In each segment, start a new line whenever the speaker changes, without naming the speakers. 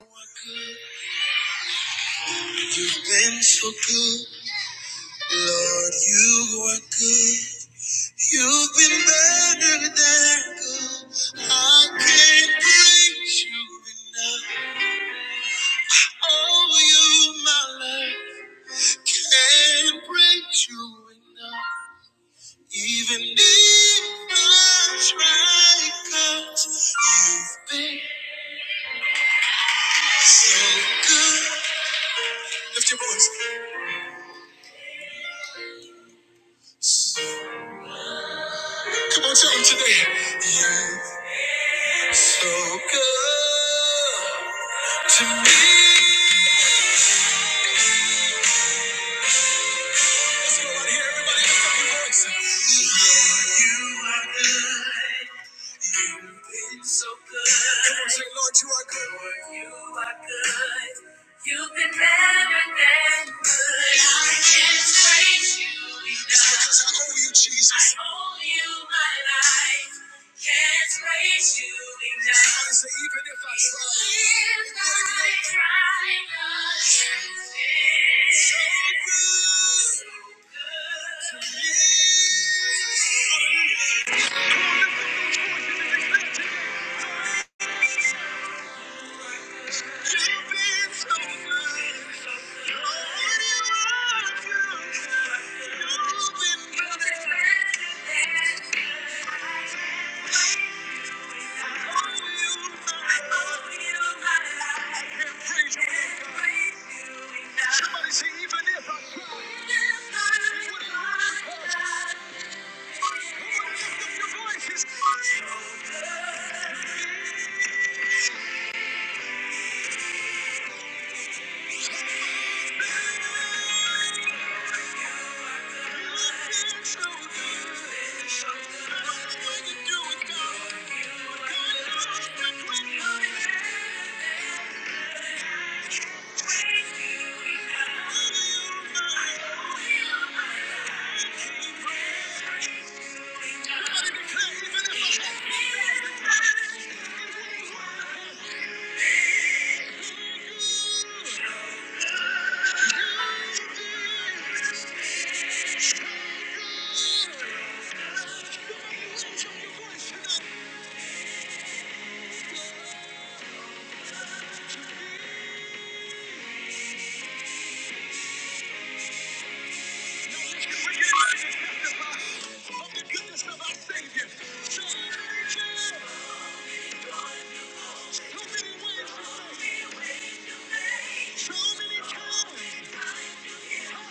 You've been so good, Lord. You are good. You've been better than good. I can't praise you enough. Oh, you, my life. can't praise you enough. Even if I try, 'cause you've been so good. Lift your voice. Come on, tell them today. You've So good to me. Let's go out here, everybody. Lift up your voices. Lord, you are good. been so good. Come on, say, Lord, you are good. Lord, you are good. You've been better than good. I can't praise you enough. It's because I owe you, Jesus. I owe you my life. Can't praise you enough. Somebody say, even if I try. Even if I try, have been So good. So good. You've been so good. so many times. I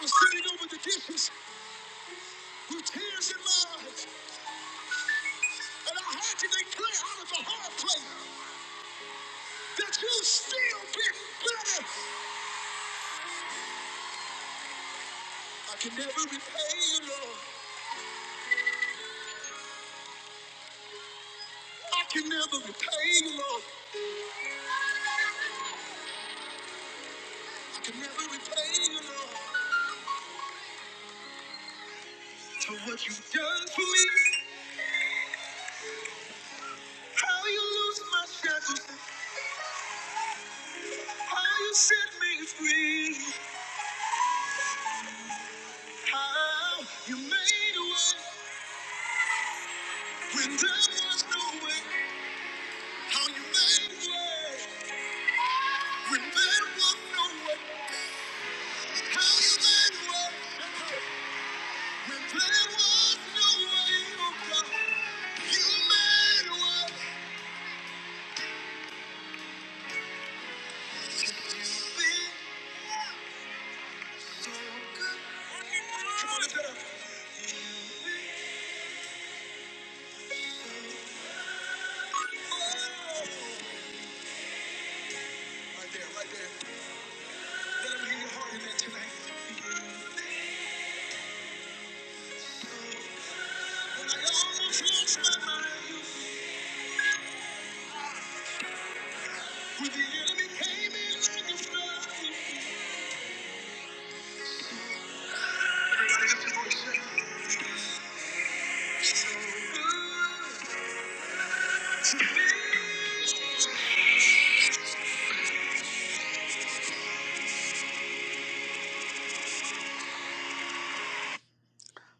was sitting over the dishes with tears in my eyes. And I heard you declare out of the hard place that you still been better. I can never repay you, Lord. I can never repay you, Lord. I can never repay you, Lord. For what you've done for me, how you lose my shackles, how you set me free, how you made a way when there was no way, how you made a way when there was no way, how you made a way when there was no way. oh God. When the enemy came in like a flood,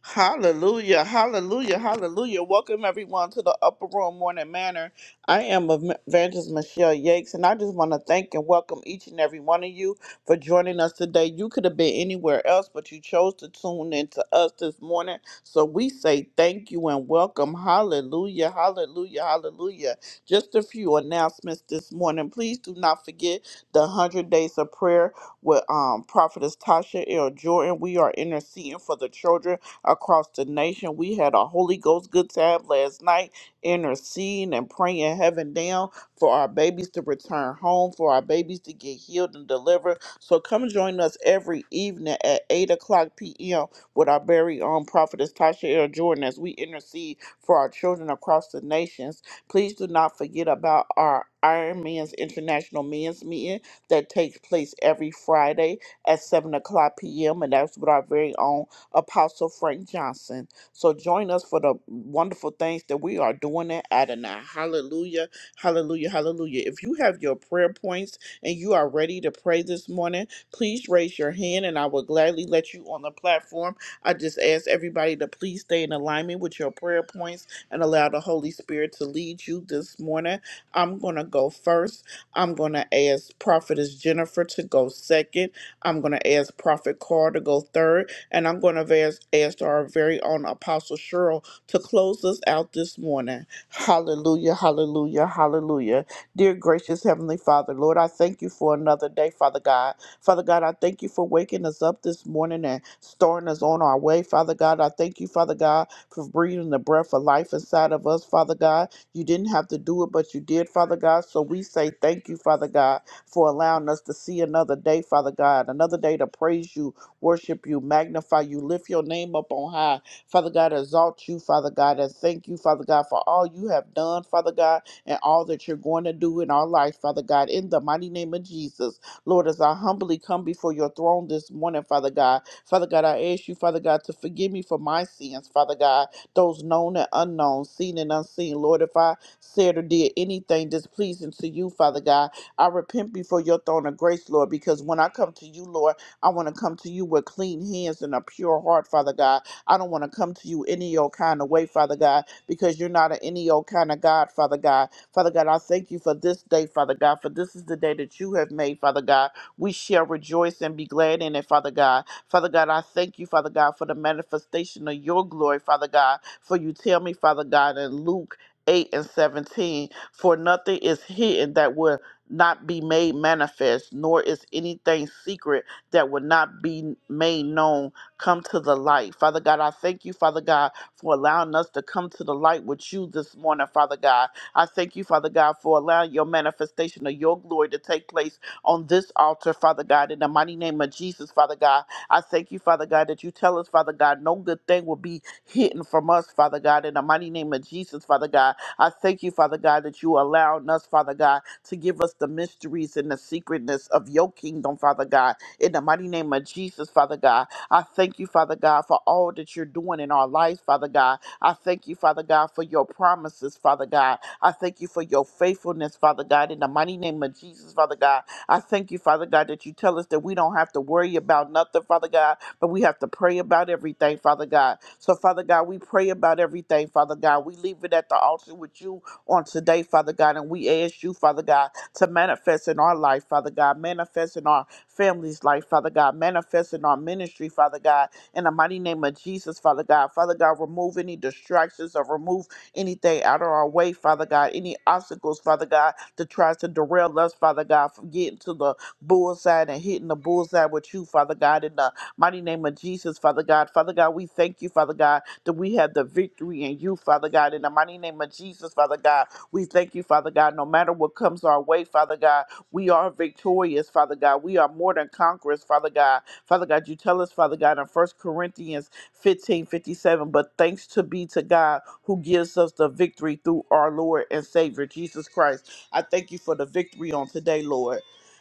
Hallelujah, hallelujah, hallelujah. Welcome everyone to the Upper Room Morning Manor. I am Evangelist Michelle Yakes, and I just want to thank and welcome each and every one of you for joining us today. You could have been anywhere else, but you chose to tune in to us this morning. So we say thank you and welcome. Hallelujah, hallelujah, hallelujah. Just a few announcements this morning. Please do not forget the 100 Days of Prayer with um, Prophetess Tasha L. Jordan. We are interceding for the children across the nation. We had a Holy Ghost good time last night, interceding and praying heaven down for our babies to return home, for our babies to get healed and delivered. So come join us every evening at 8 o'clock p.m. with our very own prophetess Tasha L. Jordan as we intercede for our children across the nations. Please do not forget about our Iron Man's International Men's Meeting that takes place every Friday at 7 o'clock p.m. And that's with our very own Apostle Frank Johnson. So join us for the wonderful things that we are doing at Adonai. Hallelujah. Hallelujah. Hallelujah. If you have your prayer points and you are ready to pray this morning, please raise your hand and I will gladly let you on the platform. I just ask everybody to please stay in alignment with your prayer points and allow the Holy Spirit to lead you this morning. I'm going to go first. I'm going to ask Prophetess Jennifer to go second. I'm going to ask Prophet Carr to go third and I'm going to ask our very own Apostle Cheryl to close us out this morning. Hallelujah, hallelujah, hallelujah. Dear gracious Heavenly Father, Lord, I thank you for another day, Father God. Father God, I thank you for waking us up this morning and starting us on our way, Father God. I thank you, Father God, for breathing the breath of life inside of us, Father God. You didn't have to do it, but you did, Father God. So we say thank you, Father God, for allowing us to see another day, Father God, another day to praise you worship you, magnify you, lift your name up on high. Father God, exalt you, Father God, and thank you, Father God, for all you have done, Father God, and all that you're going to do in our life, Father God, in the mighty name of Jesus. Lord, as I humbly come before your throne this morning, Father God, Father God, I ask you, Father God, to forgive me for my sins, Father God, those known and unknown, seen and unseen. Lord, if I said or did anything displeasing to you, Father God, I repent before your throne of grace, Lord, because when I come to you, Lord, I want to come to you with clean hands and a pure heart, Father God. I don't want to come to you any old kind of way, Father God, because you're not an any old kind of God, Father God. Father God, I thank you for this day, Father God, for this is the day that you have made, Father God. We shall rejoice and be glad in it, Father God. Father God, I thank you, Father God, for the manifestation of your glory, Father God. For you tell me, Father God, in Luke 8 and 17, for nothing is hidden that will not be made manifest, nor is anything secret that would not be made known come to the light. Father God, I thank you, Father God, for allowing us to come to the light with you this morning, Father God. I thank you, Father God, for allowing your manifestation of your glory to take place on this altar, Father God, in the mighty name of Jesus, Father God. I thank you, Father God, that you tell us, Father God, no good thing will be hidden from us, Father God, in the mighty name of Jesus, Father God. I thank you, Father God, that you allowing us, Father God, to give us the mysteries and the secretness of your kingdom, Father God. In the mighty name of Jesus, Father God, I thank you, Father God, for all that you're doing in our lives, Father God. I thank you, Father God, for your promises, Father God. I thank you for your faithfulness, Father God. In the mighty name of Jesus, Father God, I thank you, Father God, that you tell us that we don't have to worry about nothing, Father God, but we have to pray about everything, Father God. So, Father God, we pray about everything, Father God. We leave it at the altar with you on today, Father God, and we ask you, Father God to manifest in our life, Father God, manifest in our family's life, Father God, manifest in our ministry, Father God, in the mighty name of Jesus, Father God. Father God, remove any distractions or remove anything out of our way, Father God, any obstacles, Father God, that tries to derail us, Father God, from getting to the bullseye and hitting the bullseye with you, Father God, in the mighty name of Jesus, Father God. Father God, we thank you, Father God, that we have the victory in you, Father God, in the mighty name of Jesus, Father God. We thank you, Father God, no matter what comes our way, Father God, we are victorious, Father God. We are more than conquerors, Father God. Father God, you tell us, Father God, in First Corinthians 15 57. but thanks to be to God who gives us the victory through our Lord and Savior, Jesus Christ. I thank you for the victory on today, Lord.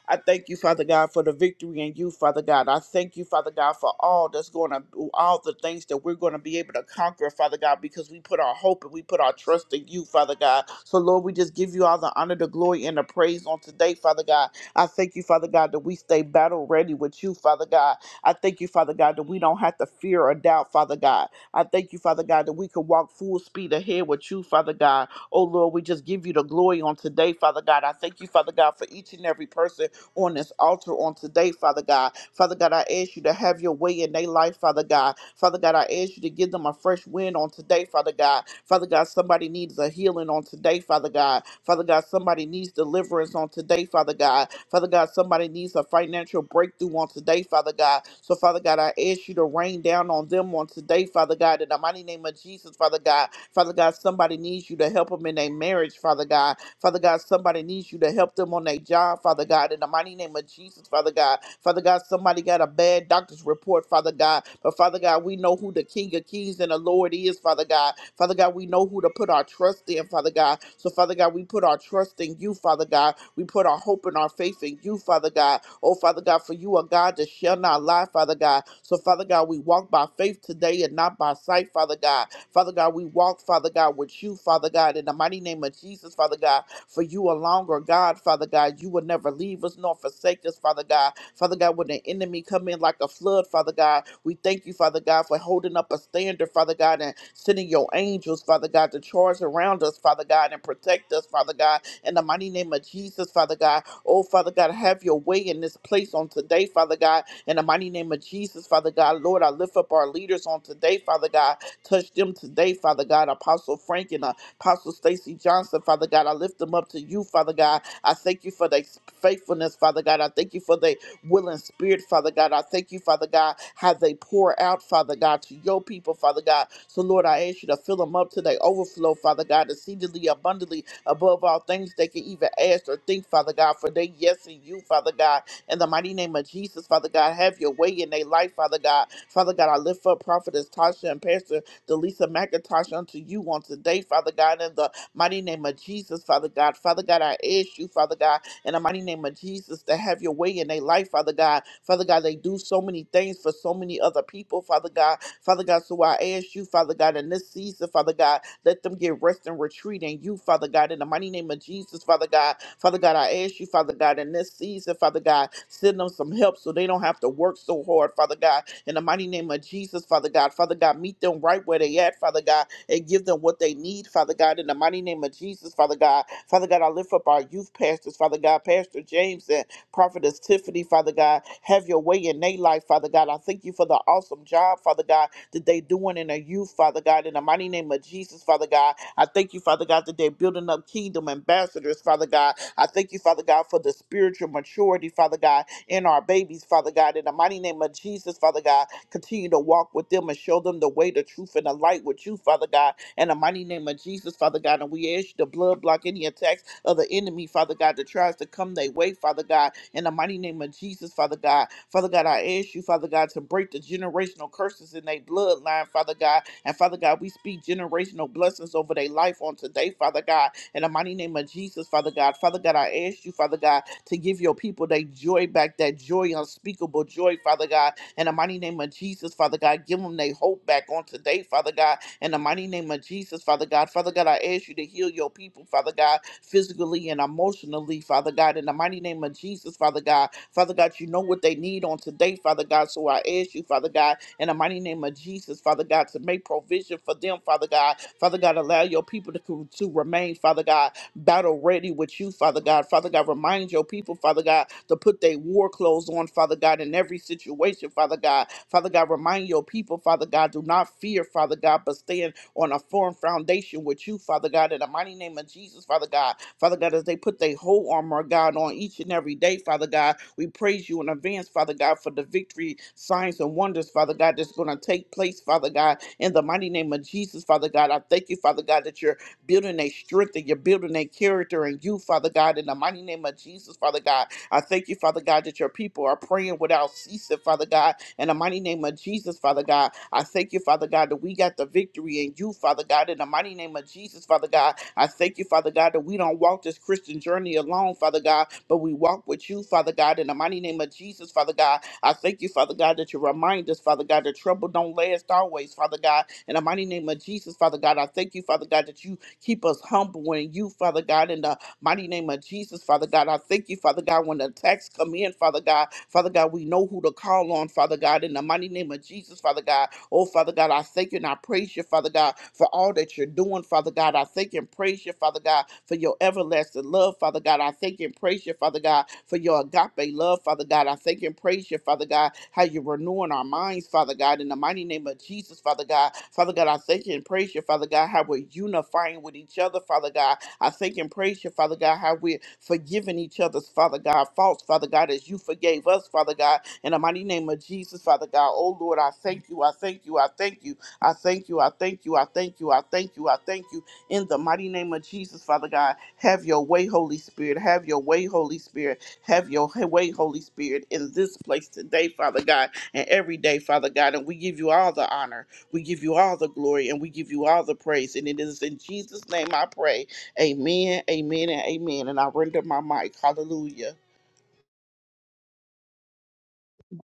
I thank you, Father God, for the victory in you, Father God. I thank you, Father God, for all that's going to, all the things that we're going to be able to conquer, Father God, because we put our hope and we put our trust in you, Father God. So, Lord, we just give you all the honor, the glory, and the praise on today, Father God. I thank you, Father God, that we stay battle ready with you, Father God. I thank you, Father God, that we don't have to fear or doubt, Father God. I thank you, Father God, that we can walk full speed ahead with you, Father God. Oh, Lord, we just give you the glory on today, Father God. I thank you, Father God, for each and every person on this altar on today, Father God. Father God, I ask you to have your way in their life, Father God. Father God, I ask you to give them a fresh wind on today, Father God. Father God, somebody needs a healing on today, Father God. Father God, somebody needs deliverance on today, Father God. Father God, somebody needs a financial breakthrough on today, Father God. So, Father God, I ask you to rain down on them on today, Father God, in the mighty name of Jesus, Father God. Father God, somebody needs you to help them in their marriage, Father. Father God. Father God, somebody needs you to help them on their job, Father God, in the mighty name of Jesus, Father God. Father God, somebody got a bad doctor's report, Father God. But Father God, we know who the King of Kings and the Lord is, Father God. Father God, we know who to put our trust in, Father God. So, Father God, we put our trust in you, Father God. We put our hope and our faith in you, Father God. Oh, Father God, for you are God that shall not lie, Father God. So, Father God, we walk by faith today and not by sight, Father God. Father God, we walk, Father God, with you, Father God, in the mighty name of Jesus, Father God, for you alone are God, Father God. You will never leave us nor forsake us, Father God. Father God, when the enemy come in like a flood, Father God, we thank you, Father God, for holding up a standard, Father God, and sending your angels, Father God, to charge around us, Father God, and protect us, Father God, in the mighty name of Jesus, Father God. Oh, Father God, have your way in this place on today, Father God, in the mighty name of Jesus, Father God. Lord, I lift up our leaders on today, Father God. Touch them today, Father God. Apostle Frank and uh, Apostle Stacy Johnson, Father God. I lift them up to you, Father God. I thank you for their faithfulness, Father God. I thank you for their will and spirit, Father God. I thank you, Father God, how they pour out, Father God, to your people, Father God. So, Lord, I ask you to fill them up to their overflow, Father God, exceedingly abundantly above all things they can even ask or think, Father God, for they yes in you, Father God. In the mighty name of Jesus, Father God, have your way in their life, Father God. Father God, I lift up Prophetess Tasha and Pastor Delisa McIntosh unto you on today, Father God, in the mighty name of Jesus, Father God. Father God, I ask you, Father God, in the mighty name of Jesus, to have your way in their life, Father God. Father God, they do so many things for so many other people, Father God. Father God, so I ask you, Father God, in this season, Father God, let them get rest and retreat in you, Father God, in the mighty name of Jesus, Father God. Father God, I ask you, Father God. God, in this season, Father God. Send them some help so they don't have to work so hard, Father God. In the mighty name of Jesus, Father God. Father God, meet them right where they at, Father God, and give them what they need, Father God. In the mighty name of Jesus, Father God. Father God, I lift up our youth pastors, Father God, Pastor James and Prophetess Tiffany, Father God. Have your way in their life, Father God. I thank you for the awesome job, Father God, that they doing in their youth, Father God. In the mighty name of Jesus, Father God. I thank you, Father God, that they're building up kingdom ambassadors, Father God. I thank you, Father God, for the spiritual maturity, Father God, in our babies, Father God. In the mighty name of Jesus, Father God, continue to walk with them and show them the way, the truth, and the light with you, Father God in the mighty name of Jesus, Father God. And we ask you to blood block any attacks of the enemy, Father God, that tries to come their way, Father God, in the mighty name of Jesus, Father God. Father God, I ask you, Father God, to break the generational curses in their bloodline, Father God. And Father God, we speak generational blessings over their life on today, Father God, in the mighty name of Jesus, Father God. Father God, I ask you, Father God, to give your people their joy back, that joy, unspeakable joy, Father God, in the mighty name of Jesus, Father God. Give them their hope back on today, Father God, in the mighty name of Jesus, Father God. Father God, I ask you to heal your people, Father God, physically and emotionally, Father God, in the mighty name of Jesus, Father God. Father God, you know what they need on today, Father God. So I ask you, Father God, in the mighty name of Jesus, Father God, to make provision for them, Father God. Father God, allow your people to, to remain, Father God battle ready with you, Father God. Father God, remind your people, Father God, to put their war clothes on, Father God, in every situation, Father God. Father God, remind your people, Father God, do not fear, Father God, but stand on a firm foundation with you, Father God, in the mighty name of Jesus, Father God. Father God, as they put their whole armor, God, on each and every day, Father God, we praise you in advance, Father God, for the victory, signs, and wonders, Father God, that's going to take place, Father God, in the mighty name of Jesus, Father God. I thank you, Father God, that you're building their strength and you're building their character and you, Father God, in the mighty name of Jesus, Father God. I thank you, Father God, that your people are praying without ceasing, Father God, in the mighty name of Jesus, Father God. I thank you, Father God, that we got the victory in you, Father God, in the mighty name of Jesus, Father God. I thank you, Father God, that we don't walk this Christian journey alone, Father God, but we walk with you, Father God, in the mighty name of Jesus, Father God. I thank you, Father God, that you remind us, Father God, that trouble don't last always, Father God, in the mighty name of Jesus, Father God. I thank you, Father God, that you Keep us humble in you, Father God, in the mighty name of Jesus, Father God. I thank you, Father God, when the attacks come in, Father God. Father God, we know who to call on, Father God, in the mighty name of Jesus, Father God. Oh, Father God, I thank you and I praise you, Father God, for all that you're doing, Father God. I thank you and praise you, Father God, for your everlasting love, Father God. I thank you and praise you, Father God, for your agape love, Father God. I thank you and praise you, Father God, how you're renewing our minds, Father God, in the mighty name of Jesus, Father God. Father God, I thank you and praise you, Father God, how we're unifying with each other, Father God. I thank and praise you, Father God, how we're forgiving each other's, Father God, faults, Father God, as you forgave us, Father God. In the mighty name of Jesus, Father God, oh Lord, I thank you, I thank you, I thank you, I thank you, I thank you, I thank you, I thank you, I thank you. In the mighty name of Jesus, Father God, have your way, Holy Spirit, have your way, Holy Spirit, have your way, Holy Spirit, in this place today, Father God, and every day, Father God. And we give you all the honor, we give you all the glory, and we give you all the praise. And it is in Jesus' name I pray. Amen, amen, and amen. And I render my mic. Hallelujah.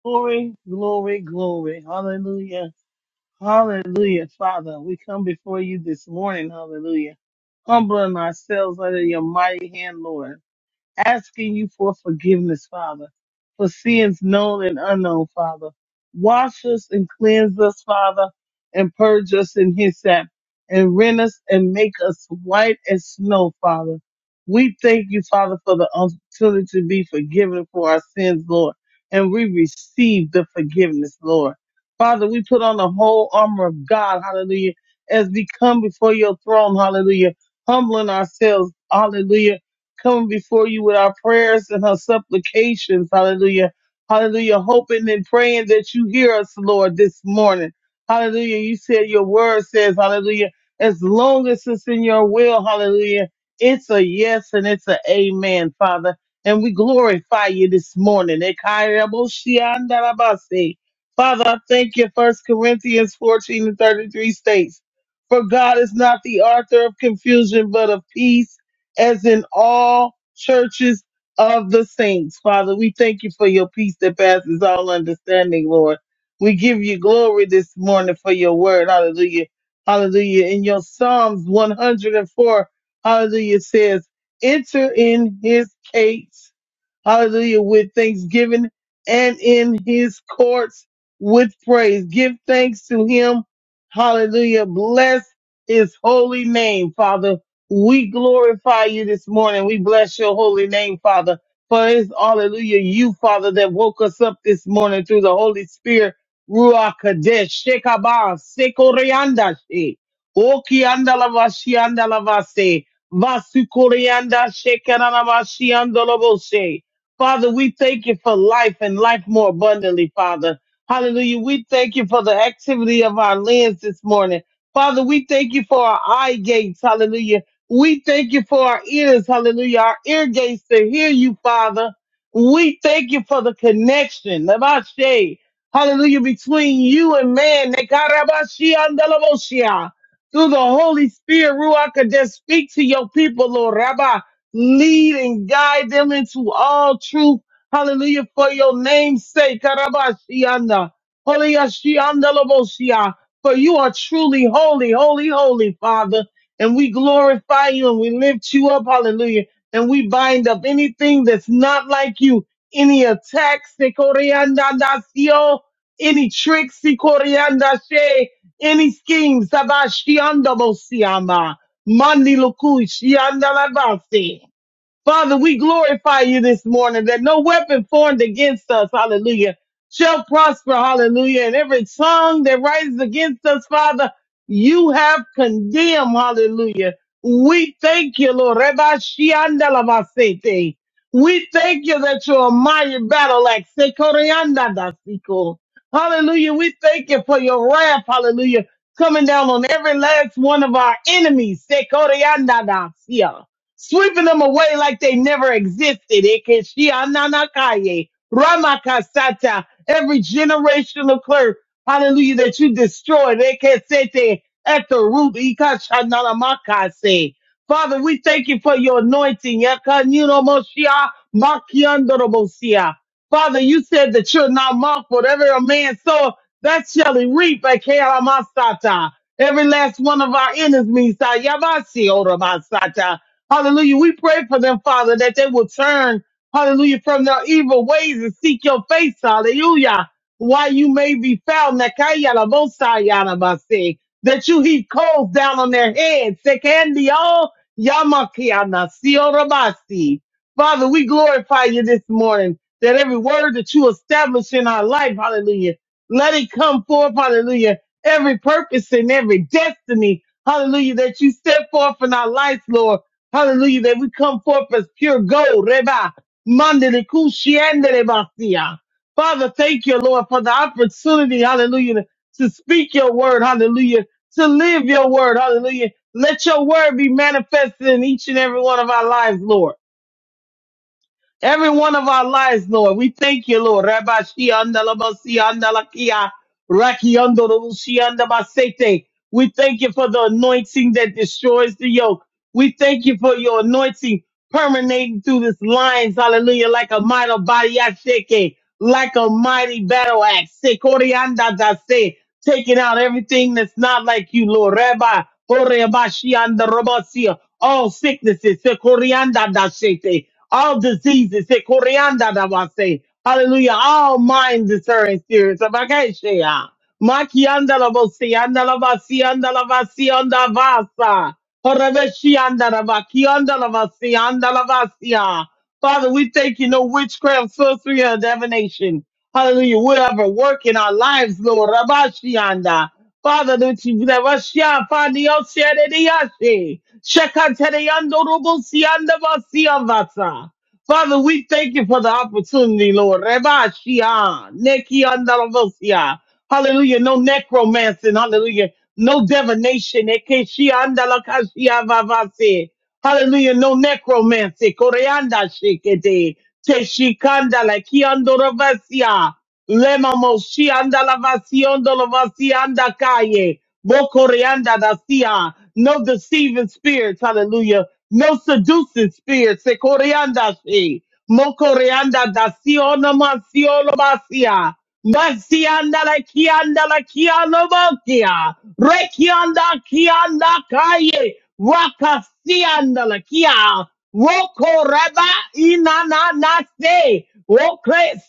Glory, glory, glory. Hallelujah. Hallelujah, Father. We come before you this morning. Hallelujah. Humbling ourselves under your mighty hand, Lord asking you for forgiveness, Father, for sins known and unknown, Father. Wash us and cleanse us, Father, and purge us in hyssop, and rend us and make us white as snow, Father. We thank you, Father, for the opportunity to be forgiven for our sins, Lord, and we receive the forgiveness, Lord. Father, we put on the whole armor of God, hallelujah, as we come before your throne, hallelujah, humbling ourselves, hallelujah coming before you with our prayers and our supplications. Hallelujah. Hallelujah. Hoping and praying that you hear us, Lord, this morning. Hallelujah. You said your word says, hallelujah, as long as it's in your will, hallelujah, it's a yes and it's an amen, Father. And we glorify you this morning. Ekairaboshiandarabase. Father, I thank you, First Corinthians 14 and 33 states, for God is not the author of confusion, but of peace as in all churches of the saints. Father, we thank you for your peace that passes all understanding, Lord. We give you glory this morning for your word. Hallelujah. Hallelujah. In your Psalms 104, hallelujah says, enter in his gates. Hallelujah. With thanksgiving and in his courts with praise. Give thanks to him. Hallelujah. Bless his holy name, Father. We glorify you this morning. We bless your holy name, Father. For it is hallelujah, you, Father, that woke us up this morning through the Holy Spirit. Ruach Kadesh, Shekabah, Sekorianda, She, Okianda Lavashianda Lavase, Vasukorianda, Shekaranavashianda Lavose. Father, we thank you for life and life more abundantly, Father. Hallelujah. We thank you for the activity of our lens this morning. Father, we thank you for our eye gates. Hallelujah we thank you for our ears, hallelujah, our ear gates to hear you, Father. We thank you for the connection, Labashe, hallelujah, between you and man, Nekarabashi andalaboshia. through the Holy Spirit, Ruach Kodesh, speak to your people, Lord Rabbi. Lead and guide them into all truth, hallelujah, for your name's sake, Karabashianda, Holy Ashianda Laboshia, for you are truly holy, holy, holy, Father and we glorify you and we lift you up. Hallelujah. And we bind up anything that's not like you, any attacks, sikoriandadasio, any tricks, sikoriandashe, any schemes, sabashiandabosiama, mandi lukui, shiandalabasi. Father, we glorify you this morning that no weapon formed against us, hallelujah, shall prosper, hallelujah. And every tongue that rises against us, Father, you have condemned, hallelujah. We thank you, Lord. Reba shianda la basete. We thank you that you're a mighty battle axe. Se koreanda da siko. Hallelujah. We thank you for your wrath, hallelujah, coming down on every last one of our enemies. Se koreanda da sia sweeping them away like they never existed. Ekeshiananakaye, Ramakasata, every generational curse, hallelujah, that you destroyed, Ekesete, at the root, Ikashanamakase. Father, we thank you for your anointing. Yakanunomoshia, Makiandorobosia. Father, you said that you're not mocked. Whatever a man sow, that shall he reap. Ekeramasata. Every last one of our enemies, Sayabasi, Oromasata. Hallelujah. We pray for them, Father, that they will turn, hallelujah, from their evil ways and seek your face, hallelujah. Why you may be found, Nakaya la bosa yana that you heap coals down on their heads. Sekandio yamakiana siorabasi. Father, we glorify you this morning that every word that you establish in our life, hallelujah, let it come forth, hallelujah, every purpose and every destiny, hallelujah, that you set forth in our lives, Lord. Hallelujah, that we come forth as pure gold. Reba, mandele kushiandele basia. Father, thank you, Lord, for the opportunity, hallelujah, to to speak your word, hallelujah, to live your word, hallelujah. Let your word be manifested in each and every one of our lives, Lord. Every one of our lives, Lord, we thank you, Lord. Rabba Shiandalabasiandalakia, Rakiandorushiandabasete. We thank you for the anointing that destroys the yoke. We thank you for your anointing permeating through this lines, hallelujah, like a mighty body ashake, like a mighty battle axe. Sekoriandadase taking out everything that's not like you, Lord. Rabbi, Koreabashianda Robasia, all sicknesses, Sekorianda Dashete, all diseases, Sekorianda Dabase. Hallelujah. All mind discerning spirits. Abakashea. Makianda Labosianda Labasianda Lavasianda Vasa. Horabashianda Rabakianda Lavasianda Lavasia. Father, we thank you, no witchcraft, sorcery, or divination. Hallelujah. Whatever work in our lives, Lord. Rabashianda. Father, that you that Russia Fandi Oshia de Diashi. Shekante de Yando Rubusianda Vasia Vasa. Father, we thank you for the opportunity, Lord. Reba Shia, Neki Andalavosia. Hallelujah. No necromancing. Hallelujah. No divination. Eke Shia Andalakashia Vavase. Hallelujah. No necromancy. Koreanda Shikete. Teshikanda Laki Andorabasia. Lemamoshi anda lavasiando lavasianda calle. da dacia. No deceiving spirits. Hallelujah. No seducing spirits. Sekorianda she. Mokoreanda da daciona masiolo masia. Masianda la kianda la kialo mokia. Rekianda kianda calle. Rakasianda la kia. Roko reba inana na se. Woke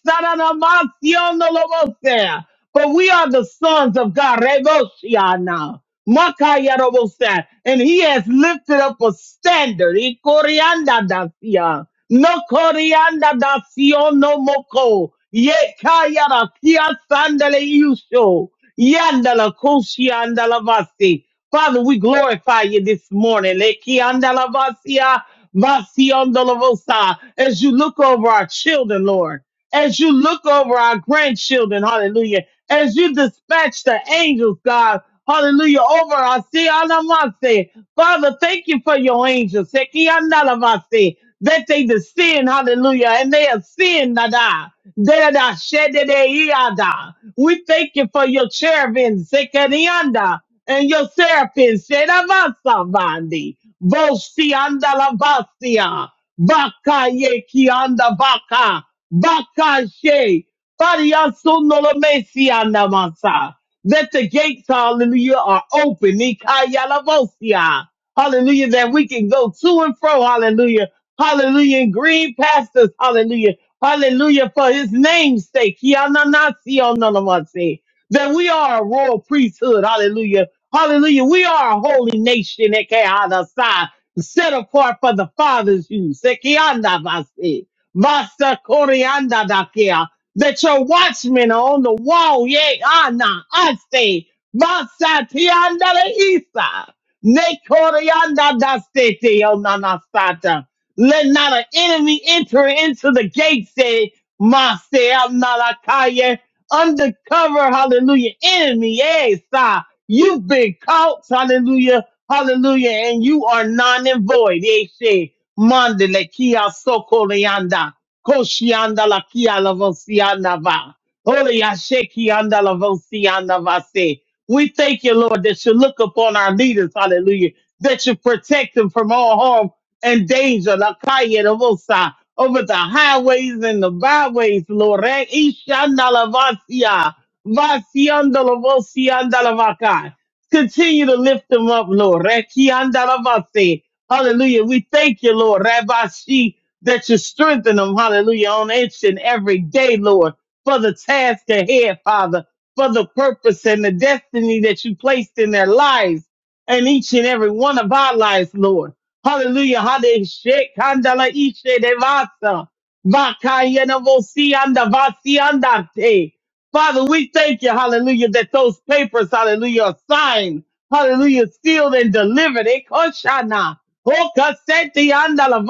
saranamasyonolobose. For we are the sons of God. Reboshiana. Makayarobose. And he has lifted up a standard. Ikorianda dasia. No corianda dasio no moko. Ye kayara kia sandale yusho. Yandala kushianda lavasi. Father, we glorify you this morning. Lekianda lavasia. Vasiondolovosa. As you look over our children, Lord, as you look over our grandchildren, hallelujah, as you dispatch the angels, God, hallelujah, over our Sianamase. Father, thank you for your angels, Sekiandalamase, that they descend, hallelujah, and they ascend, nada. Dada, shedede, iada. We thank you for your cherubim, Sekerianda, and your seraphim, Sedavasa, Vosi anda la basia. Baka ye ki anda baka. Baka she. Faria suno la mesi anda masa. That the gates, hallelujah, are open. Nikaya la vosia. Hallelujah. That we can go to and fro. Hallelujah. Hallelujah. And green pastors. Hallelujah. Hallelujah. For his name's sake. Kiana nasi ono la That we are a royal priesthood. Hallelujah Hallelujah. We are a holy nation, Ekehadasai, set apart for the Father's use. Ekeandabasi, Vasakoriandadakia, That your watchmen are on the wall. Yea, Anna, I say, Vasatiandale Isa, Nekoriandadasete, Onanasata. Let not an enemy enter into the gates, say, Mase undercover, hallelujah, enemy. Yes, sir, you've been caught, hallelujah, hallelujah, and you are non and void. Yes, yes. Mandele kia soko leanda, koshianda la kia la va. Holy Yashe kianda la vosianda va se. We thank you, Lord, that you look upon our leaders, hallelujah, that you protect them from all harm and danger. La kaya vosa over the highways and the byways, Lord. Eh, Ishandalavasia, Vasiandalavosiandalavakai. Continue to lift them up, Lord. Eh, Kiandalavasi. Hallelujah. We thank you, Lord. Rabbi Shi, that you strengthen them, hallelujah, on each and every day, Lord, for the task ahead, Father, for the purpose and the destiny that you placed in their lives and each and every one of our lives, Lord. Hallelujah. Hade she kandala ishe devasa, vasa. na vosi anda vasi andante. Father, we thank you, hallelujah, that those papers, hallelujah, are signed, hallelujah, sealed and delivered. Ekoshana. Okaseti anda la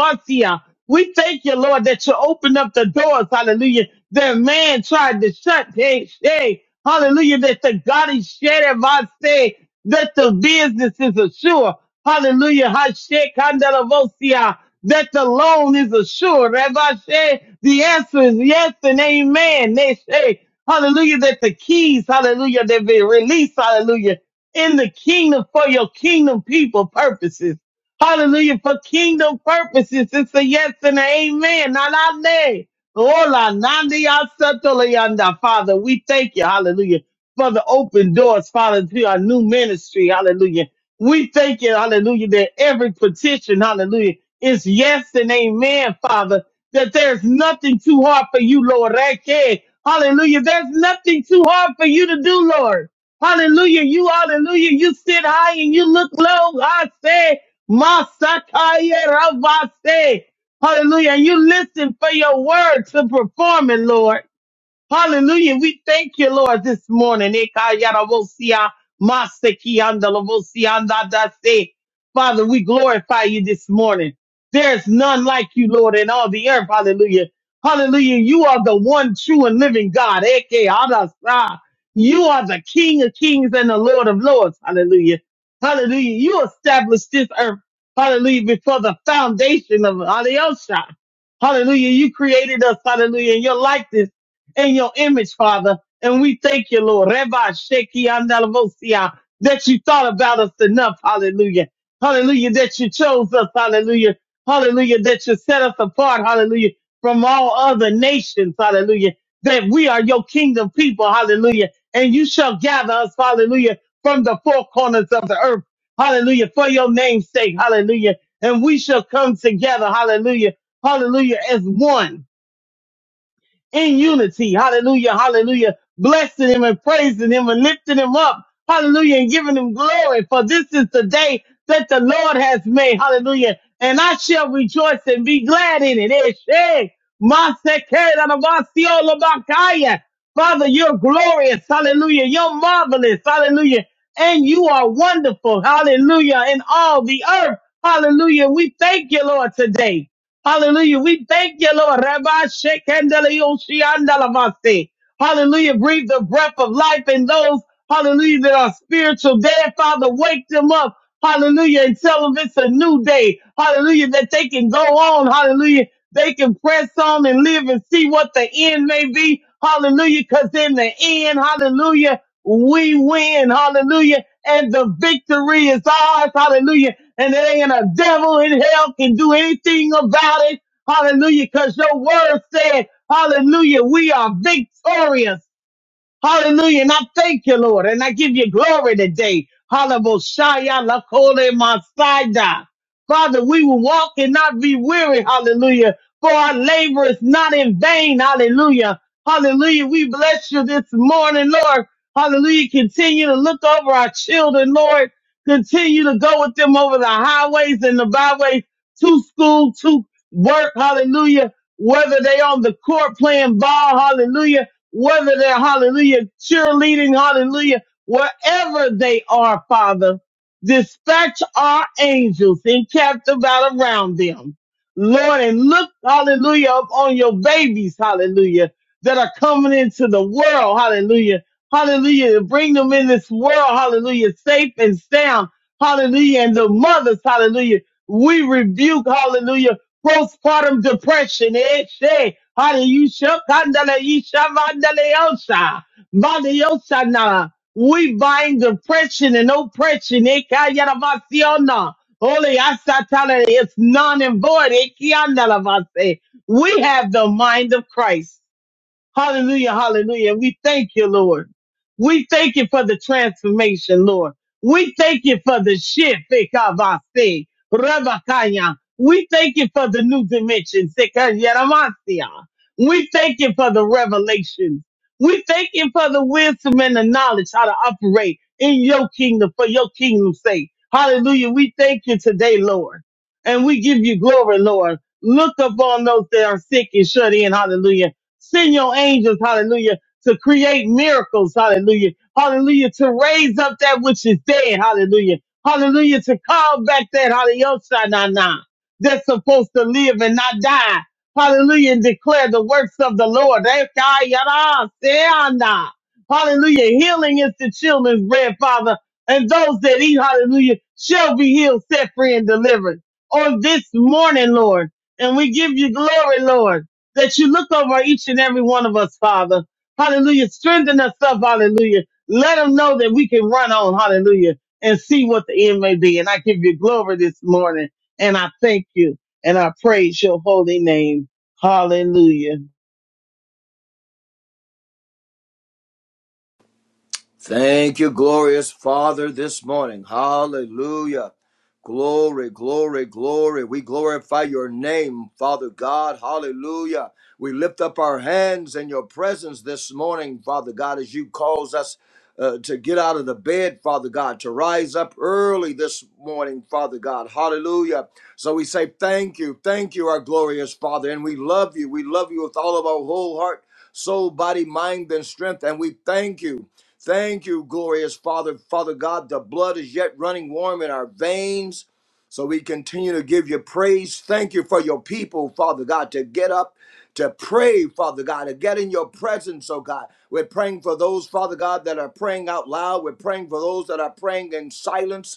We thank you, Lord, that you opened up the doors, hallelujah, that man tried to shut. Hey, hey, hallelujah, that the God is sharing, I say, that the business is assured. Hallelujah. Hashe Kandalavosia. That the loan is assured. Rabbi Shay, the answer is yes and amen. They say, hallelujah, that the keys, hallelujah, they've been released, hallelujah, in the kingdom for your kingdom people purposes. Hallelujah. For kingdom purposes, it's a yes and an amen. Not our name. Hola, Nandi Asatolianda. Father, we thank you, hallelujah, for the open doors, Father, to our new ministry, hallelujah. We thank you, hallelujah, that every petition, hallelujah, is yes and amen, Father, that there's nothing too hard for you, Lord. Rake. Hallelujah. There's nothing too hard for you to do, Lord. Hallelujah. You, hallelujah, you sit high and you look low. I say, Masakaya Ravase. Hallelujah. And you listen for your word to perform it, Lord. Hallelujah. We thank you, Lord, this morning. Ekayaravosia, masekiandalavosia, Father, we glorify you this morning. There's none like you, Lord, in all the earth. Hallelujah. Hallelujah. You are the one true and living God. Ekayarasa. You are the King of kings and the Lord of lords. Hallelujah. Hallelujah. You established this earth. Hallelujah. Before the foundation of Alyosha. Hallelujah. You created us. Hallelujah. In your likeness in your image, Father. And we thank you, Lord. Rabbi Sheki Andalavosia, that you thought about us enough. Hallelujah. Hallelujah. That you chose us. Hallelujah. Hallelujah. That you set us apart. Hallelujah. From all other nations. Hallelujah. That we are your kingdom people. Hallelujah. And you shall gather us. Hallelujah. From the four corners of the earth. Hallelujah. For your name's sake. Hallelujah. And we shall come together. Hallelujah. Hallelujah. As one in unity. Hallelujah. Hallelujah. Blessing him and praising him and lifting him up. Hallelujah. And giving him glory. For this is the day that the Lord has made. Hallelujah. And I shall rejoice and be glad in it. Eshe, masekerabasiolabakaya. Father, you're glorious. Hallelujah. You're marvelous. Hallelujah. And you are wonderful. Hallelujah. In all the earth. Hallelujah. We thank you, Lord, today. Hallelujah. We thank you, Lord. Rabbi Shekandelioshi Hallelujah. Breathe the breath of life in those, hallelujah, that are spiritual dead. Father, wake them up. Hallelujah. And tell them it's a new day. Hallelujah. That they can go on. Hallelujah. They can press on and live and see what the end may be. Hallelujah. Cause in the end, hallelujah, we win. Hallelujah. And the victory is ours. Hallelujah and there ain't a devil in hell can do anything about it. Hallelujah. Cause your word said, hallelujah, we are victorious. Hallelujah. And I thank you, Lord. And I give you glory today. Hallelujah. Lakole Masaida. Father, we will walk and not be weary. Hallelujah. For our labor is not in vain. Hallelujah. Hallelujah. We bless you this morning, Lord. Hallelujah. Continue to look over our children, Lord. Continue to go with them over the highways and the byways to school, to work. Hallelujah. Whether they on the court playing ball. Hallelujah whether they're hallelujah, cheerleading, hallelujah, wherever they are, Father, dispatch our angels encamped about around them. Lord, and look, hallelujah, upon your babies, hallelujah, that are coming into the world, hallelujah, hallelujah, to bring them in this world, hallelujah, safe and sound, hallelujah, and the mothers, hallelujah. We rebuke, hallelujah postpartum depression. Eh? Shay. Hallelujah. You shall kandala, you shall mandala, yosa. Mandala, yosa na. We bind depression and oppression. Eh? Kayara vasiona. Holy asatala, it's non and void. Eh? Kiandala vase. We have the mind of Christ. Hallelujah, hallelujah. And We thank you, Lord. We thank you for the transformation, Lord. We thank you for the shift. Ikavase, Rabakaya. We thank you for the new dimensions. Ikayaramasia. We thank you for the revelations. We thank you for the wisdom and the knowledge how to operate in your kingdom for your kingdom's sake. Hallelujah. We thank you today, Lord. And we give you glory, Lord. Look upon those that are sick and shut in. Hallelujah Send your angels, hallelujah, to create miracles, hallelujah. Hallelujah, to raise up that which is dead, hallelujah. Hallelujah, to call back that, hallelujah, that's supposed to live and not die. Hallelujah, and declare the works of the Lord. Hallelujah, healing is the children's bread, Father, and those that eat, hallelujah, shall be healed, set free, and delivered. On this morning, Lord, and we give you glory, Lord that you look over each and every one of us, Father. Hallelujah. Strengthen us up, hallelujah. Let them know that we can run on, hallelujah, and see what the end may be. And I give you glory this morning, and I thank you, and I praise your holy name. Hallelujah.
Thank you, glorious Father, this morning. Hallelujah. Glory, glory, glory. We glorify your name, Father God. Hallelujah. We lift up our hands in your presence this morning, Father God, as you calls us uh, to get out of the bed, Father God, to rise up early this morning, Father God. Hallelujah. So we say thank you, thank you, our glorious Father, and we love you. We love you with all of our whole heart, soul, body, mind, and strength, and we thank you. Thank you, glorious Father. Father God, the blood is yet running warm in our veins. So we continue to give you praise. Thank you for your people, Father God, to get up, to pray, Father God, to get in your presence, oh God. We're praying for those, Father God, that are praying out loud. We're praying for those that are praying in silence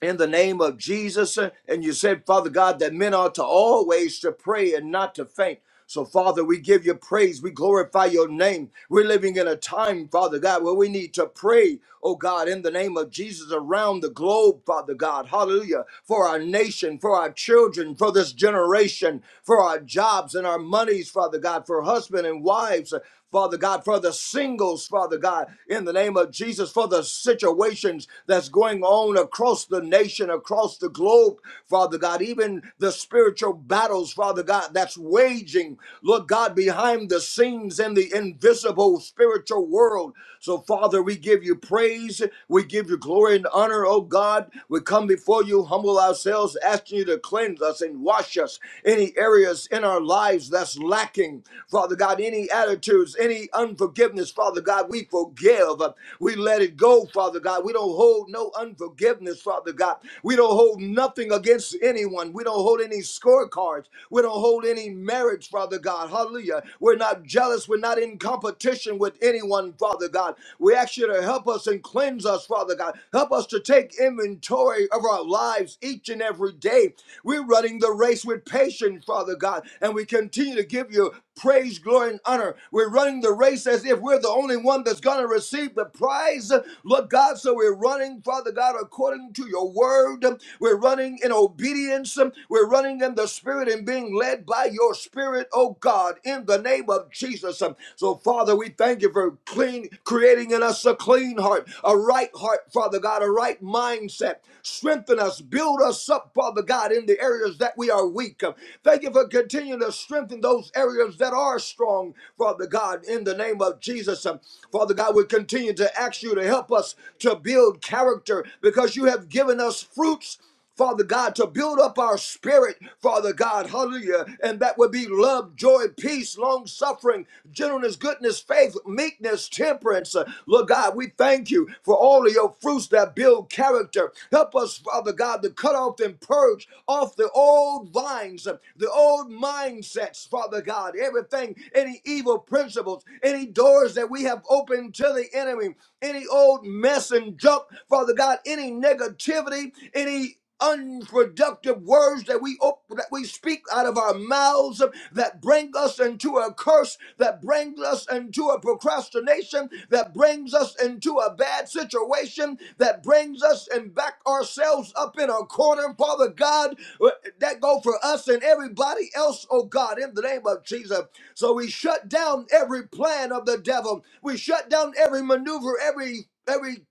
in the name of Jesus. uh, And you said, Father God, that men are to always to pray and not to faint. So, Father, we give you praise. We glorify your name. We're living in a time, Father God, where we need to pray, oh God, in the name of Jesus around the globe, Father God. Hallelujah. For our nation, for our children, for this generation, for our jobs and our monies, Father God, for husband and wives. Father God, for the singles, Father God, in the name of Jesus, for the situations that's going on across the nation, across the globe, Father God, even the spiritual battles, Father God, that's waging, Lord God, behind the scenes in the invisible spiritual world. So, Father, we give you praise, we give you glory and honor, oh God. We come before you, humble ourselves, asking you to cleanse us and wash us any areas in our lives that's lacking, Father God, any attitudes, any unforgiveness, Father God, we forgive. We let it go, Father God. We don't hold no unforgiveness, Father God. We don't hold nothing against anyone. We don't hold any scorecards. We don't hold any marriage, Father God. Hallelujah. We're not jealous. We're not in competition with anyone, Father God. We ask you to help us and cleanse us, Father God. Help us to take inventory territory of our lives each and every day. We're running the race with patience, Father God, and we continue to give you praise, glory, and honor. We're running the race as if we're the only one that's going to receive the prize. Lord God, so we're running, Father God, according to your word. We're running in obedience. We're running in the spirit and being led by your spirit, oh God, in the name of Jesus. So, Father, we thank you for clean, creating creating in us a clean heart, a right heart, Father God, a right mindset. Strengthen us, build us up, Father God, in the areas that we are weak. Thank you for continuing to strengthen those areas that are strong, Father God, in the name of Jesus. Um, Father God, we continue to ask you to help us to build character because you have given us fruits. Father God, to build up our spirit, Father God, hallelujah, and that would be love, joy, peace, long suffering, gentleness, goodness, faith, meekness, temperance. Uh, Lord God, we thank you for all of your fruits that build character. Help us, Father God, to cut off and purge off the old vines, uh, the old mindsets, Father God, everything, any evil principles, any doors that we have opened to the enemy, any old mess and junk, Father God, any negativity, any unproductive words that we op- that we speak out of our mouths that bring us into a curse that brings us into a procrastination that brings us into a bad situation that brings us and back ourselves up in a corner father god uh, that go for us and everybody else oh god in the name of jesus so we shut down every plan of the devil we shut down every maneuver every every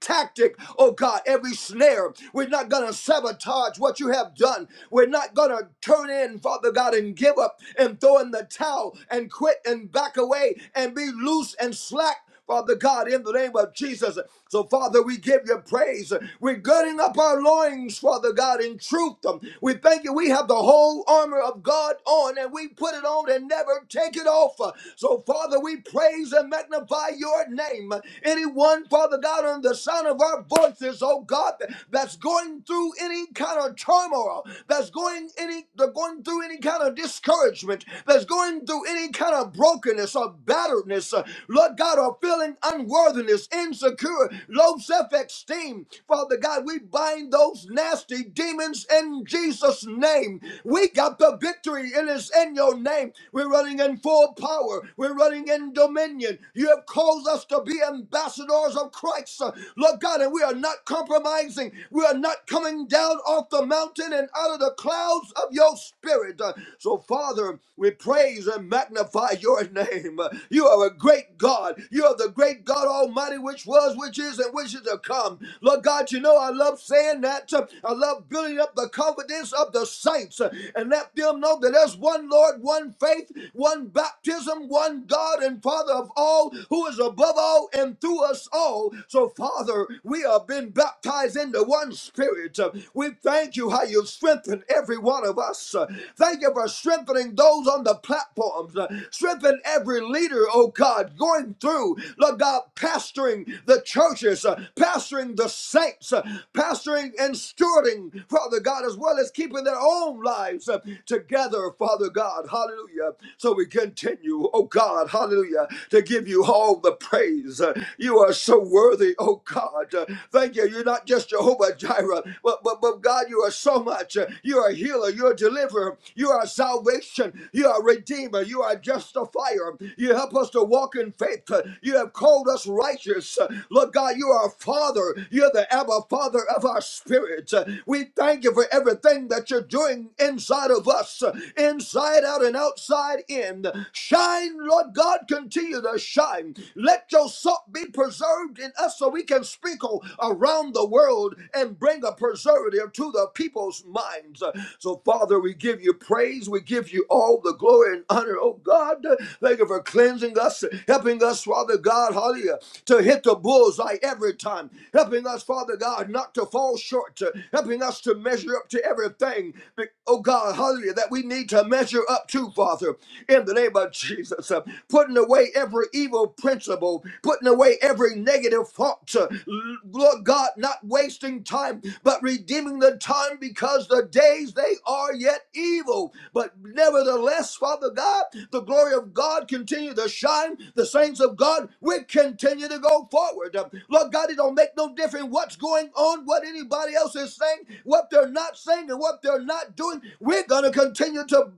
tactic, oh God, every snare. We're not going to sabotage what you have done. We're not going to turn in, Father God, and give up and throw in the towel and quit and back away and be loose and slack. Father God, in the name of Jesus. So, Father, we give you praise. We're girding up our loins, Father God, in truth. We thank you. We have the whole armor of God on and we put it on and never take it off. So, Father, we praise and magnify your name name. Anyone, Father God, on the sound of our voices, oh God, that's going through any kind of turmoil, that's going any they're going through any kind of discouragement, that's going through any kind of brokenness or batteredness, uh, Lord God, or feeling unworthiness, insecure, low self-esteem. Father God, we bind those nasty demons in Jesus' name. We got the victory, and it's in your name. We're running in full power. We're running in and dominion. You have caused us to be ambassadors of Christ, uh, Lord God, and we are not compromising. We are not coming down off the mountain and out of the clouds of your spirit. Uh, So, Father, we praise and magnify your name. Uh, You are a great God. You are the great God Almighty, which was, which is, and which is to come. Lord God, you know I love saying that. Uh, I love building up the confidence of the saints uh, and let them know that there's one Lord, one faith, one baptism, one God and Father of all, who is above all and through us all. So, Father, we have been baptized into one spirit. We thank you how you've strengthened every one of us. Thank you for strengthening those on the platforms. Strengthen every leader, oh God, going through, Lord God, pastoring the churches, pastoring the saints, pastoring and stewarding, Father God, as well as keeping their own lives together together, Father God. Hallelujah. So we continue, oh God, hallelujah, to give you all the praise. Uh, You are so worthy, oh God. Uh, Thank you. You're not just Jehovah Jireh, but, but, but God, you are so much. Uh, You are a healer, you're a deliverer, you are salvation, you are a redeemer, you are a justifier. You help us to walk in faith. Uh, You have called us righteous. Uh, Lord God, you are our Father, you're the Abba Father of our spirit. Uh, We thank you for everything thing that you're doing inside of us, inside out and outside in. Shine, Lord God, continue to shine. Let your salt be preserved in us so we can sprinkle around the world and bring a preservative to the people's minds. So, Father, we give you praise. We give you all the glory and honor, oh God. Thank you for cleansing us, helping us, Father God, hallelujah, to hit the bullseye every time, helping us, Father God, not to fall short, measurement, uh, helping us to measure up to everything, be- oh God, hallelujah, that we need to measure up to, Father, in the name of Jesus. Uh, Putting away every evil principle, putting away every negative thought, uh, Lord God, not wasting time, but redeeming the time because the days they are yet evil. But nevertheless, Father God, the glory of God continue to shine. The saints of God, we continue to go forward. Uh, Lord God, it don't make no difference different what's going on, what anybody else is saying, what they're not saying, and what they're not doing. We're going to continue to,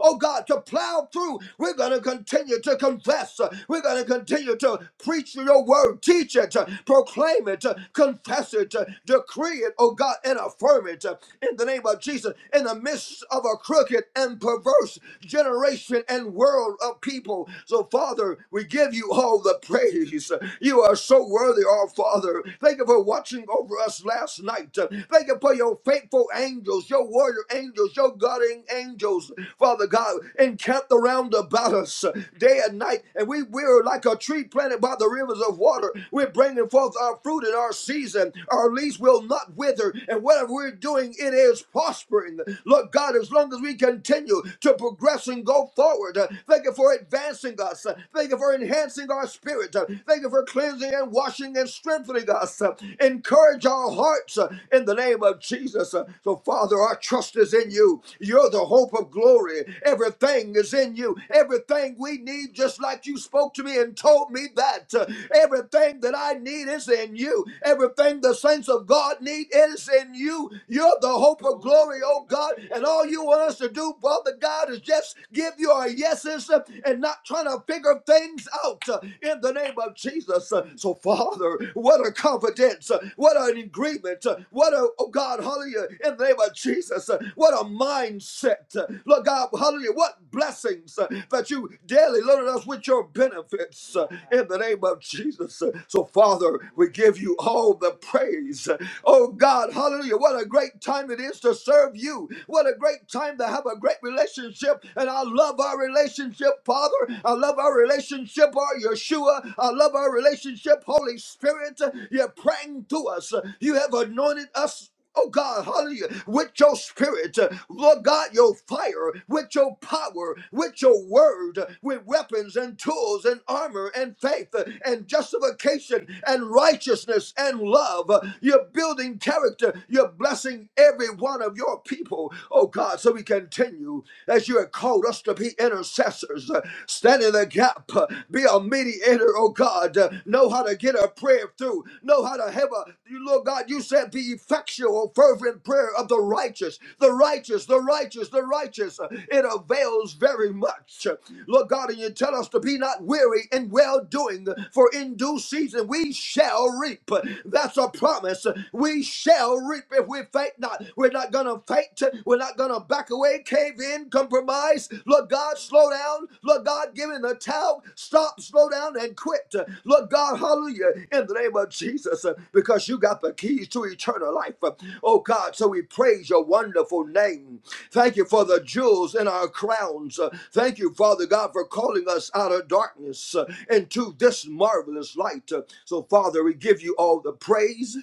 oh God, to plow through. We're going to continue to confess. We're going to continue to preach your word, teach it, proclaim it, confess it, decree it, oh God, and affirm it in the name of Jesus. In the midst of a crooked and perverse generation and world of people. So, Father, we give you all the praise. You you are so worthy, our Father. Thank you for watching over us last night. Thank you for your faithful angels, your warrior angels, your guarding angels, Father God, encamped around about us day and night. And we, we're like a tree planted by the rivers of water. We're bringing forth our fruit in our season. Our leaves will not wither. And whatever we're doing, it is prospering. Lord God, as long as we continue to progress and go forward, uh, thank you for advancing us. Uh, Thank you for enhancing enhancing our spirit. Uh, Thank you for cleansing and washing and strengthening us. Uh, Encourage our hearts uh, in the name of Jesus. Uh, So, Father, our trust is in you. You're the hope of glory. Everything is in you. Everything we need, just like you spoke to me and told me that. Uh, Everything that I need is in you. Everything the saints of God need is in you. You're the hope of glory, oh God. And all you want us to do, Father God, is just give you our yeses uh, uh, and not trying to figure things out uh, in the name of Jesus. Uh, So, Father, what a confidence, uh, what an agreement, uh, what a, oh God, hallelujah, in the name of Jesus, uh, what a mindset. uh, Lord God, hallelujah, what blessings uh, that you daily loaded us with your benefits uh, in the name of Jesus. Uh, So, Father, we give you all the praise. Uh, Oh God, hallelujah, what a great time it is to serve you. What a great time to have a great relationship relationship, and I love our relationship, Father. I love our relationship, our Yeshua. I love our relationship, Holy Spirit. You're praying to us. You have anointed us Oh God, hallelujah, with your spirit, uh, Lord God, your fire, with your power, with your word, uh, with weapons and tools and armor and faith uh, and justification and righteousness and love. Uh, You're building character, you're blessing every one of your people people, oh God, so we continue as you have called us to be intercessors, uh, stand in the gap, uh, be a mediator, oh God, uh, know how to get a prayer through, know how to have a, you Lord God, you said the effectual, fervent prayer of the righteous, the righteous, the righteous, the righteous, uh, it avails very much. Lord God, and you tell us to be not weary in well doing, for in due season we shall reap. That's a promise. We shall reap if we we faint not. We're not gonna faint. We're not gonna back away, cave in, compromise. Lord God, slow down. Lord God, give in the towel. Stop, slow down, and quit. Lord God, hallelujah, in the name of Jesus, uh, because you got the keys to eternal life. Uh, Oh God, so we praise your wonderful name. Thank you for the jewels in our crowns. Uh, Thank you, Father God, for calling us out of darkness uh, into this marvelous light. Uh, So, Father, we give you all the praise.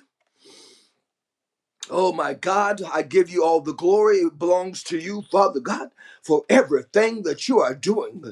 Oh my God, I give you all the glory. It belongs to you, Father God, for everything that you are doing.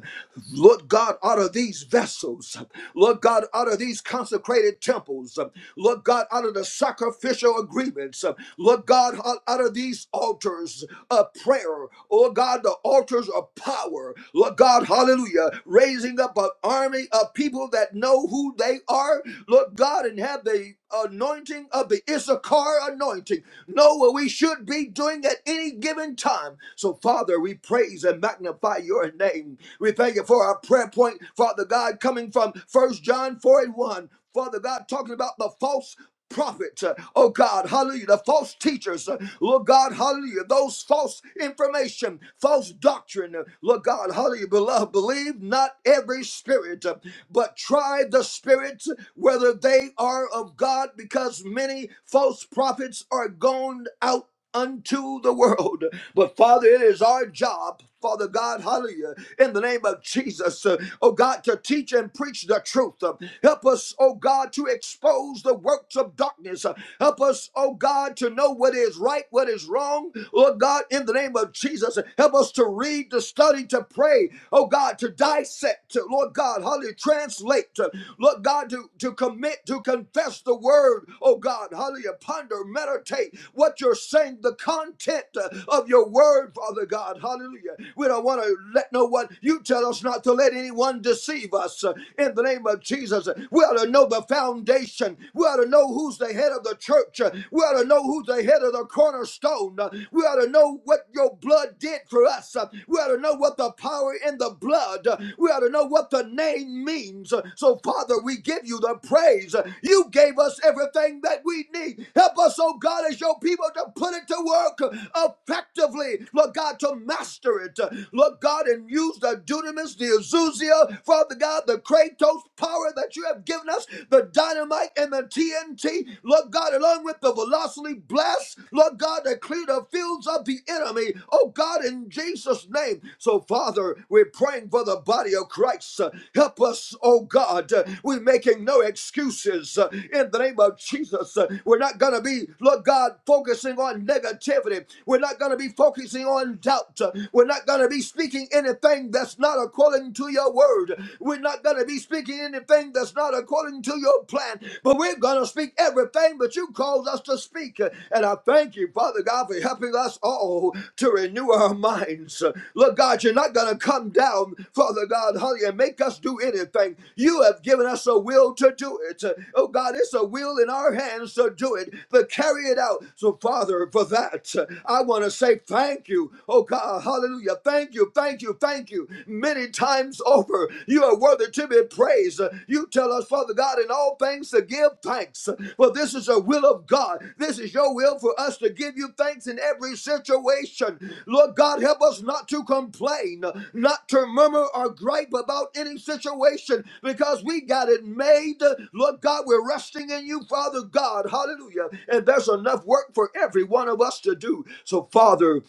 Lord God, out of these vessels, Lord God, out of these consecrated temples, Lord God, out of the sacrificial agreements, Lord God, out out of these altars of prayer, oh God, the altars of power, Lord God, hallelujah, raising up an army of people that know who they are, Lord God. God and have the anointing of the Issachar anointing. Know what we should be doing at any given time. So, Father, we praise and magnify your name. We thank you for our prayer point, Father God, coming from First John 4 and 1. Father God, talking about the false. Prophet, uh, oh God, hallelujah, the false teachers, uh, Lord God, hallelujah, those false information, false doctrine, uh, Lord God, hallelujah, beloved, believe not every spirit, uh, but try the spirits whether they are of God, because many false prophets are gone out unto the world. But Father, it is our job, Father God, hallelujah, in the name of Jesus, uh, oh God, to teach and preach the truth. Uh, help us, oh God, to expose the works of darkness. Uh, help us, oh God, to know what is right, what is wrong. Lord God, in the name of Jesus, uh, help us to read, to study, to pray, oh God, to dissect, to, Lord God, hallelujah, translate, to, Lord God, to, to commit meant to confess the word, oh God, hallelujah, ponder, meditate what you're saying, the content uh, of your word, Father God, hallelujah. We don't want to let no one, you tell us not to let anyone deceive us uh, in the name of Jesus. We ought to know the foundation. We ought to know who's the head of the church. Uh, We ought to know who's the head of the cornerstone. Uh, We ought to know what your blood did for us. Uh, We ought to know what the power in the blood blood. We ought to know what the name means. So, Father, we give you the praise. You gave us everything that we need. Help us, oh God, as your people to put it to work effectively. Lord God, to master it. Lord God, and use the dunamis, the Azusia, Father God, the Kratos power that you have given us, the dynamite and the TNT. Lord God, along with the velocity blast, Lord God, to clear the field battlefields of the enemy. Oh God, in Jesus' name. So, Father, we're praying for the body of Christ. Uh, Help us, oh God. Uh, We're making no excuses uh, in the name of Jesus. Uh, We're not going to be, Lord God, focusing on negativity. We're not going to be focusing on doubt. Uh, We're not going to be speaking anything that's not according to your word. We're not going to be speaking anything that's not according to your plan. But we're we're going to speak everything that you called us to speak. And I thank you, Father God, for helping us all to renew our minds. Look, God, you're not going to come down, Father God, honey, and make us do anything. You have given us a will to do it. Oh, God, it's a will in our hands to do it, to carry it out. So, Father, for that, I want to say thank you. Oh, God, hallelujah. Thank you, thank you, thank you. Many times over over. You are worthy to be praised. You tell us, Father God, in all things to give thanks. For this is the will of God. This is your will for us to give you thanks in every situation. Lord God, help us not to complain, not to murmur or gripe about any situation because we got it made. Lord God, we're resting in you, Father God. Hallelujah. And there's enough work for every one of us to do. So, Father,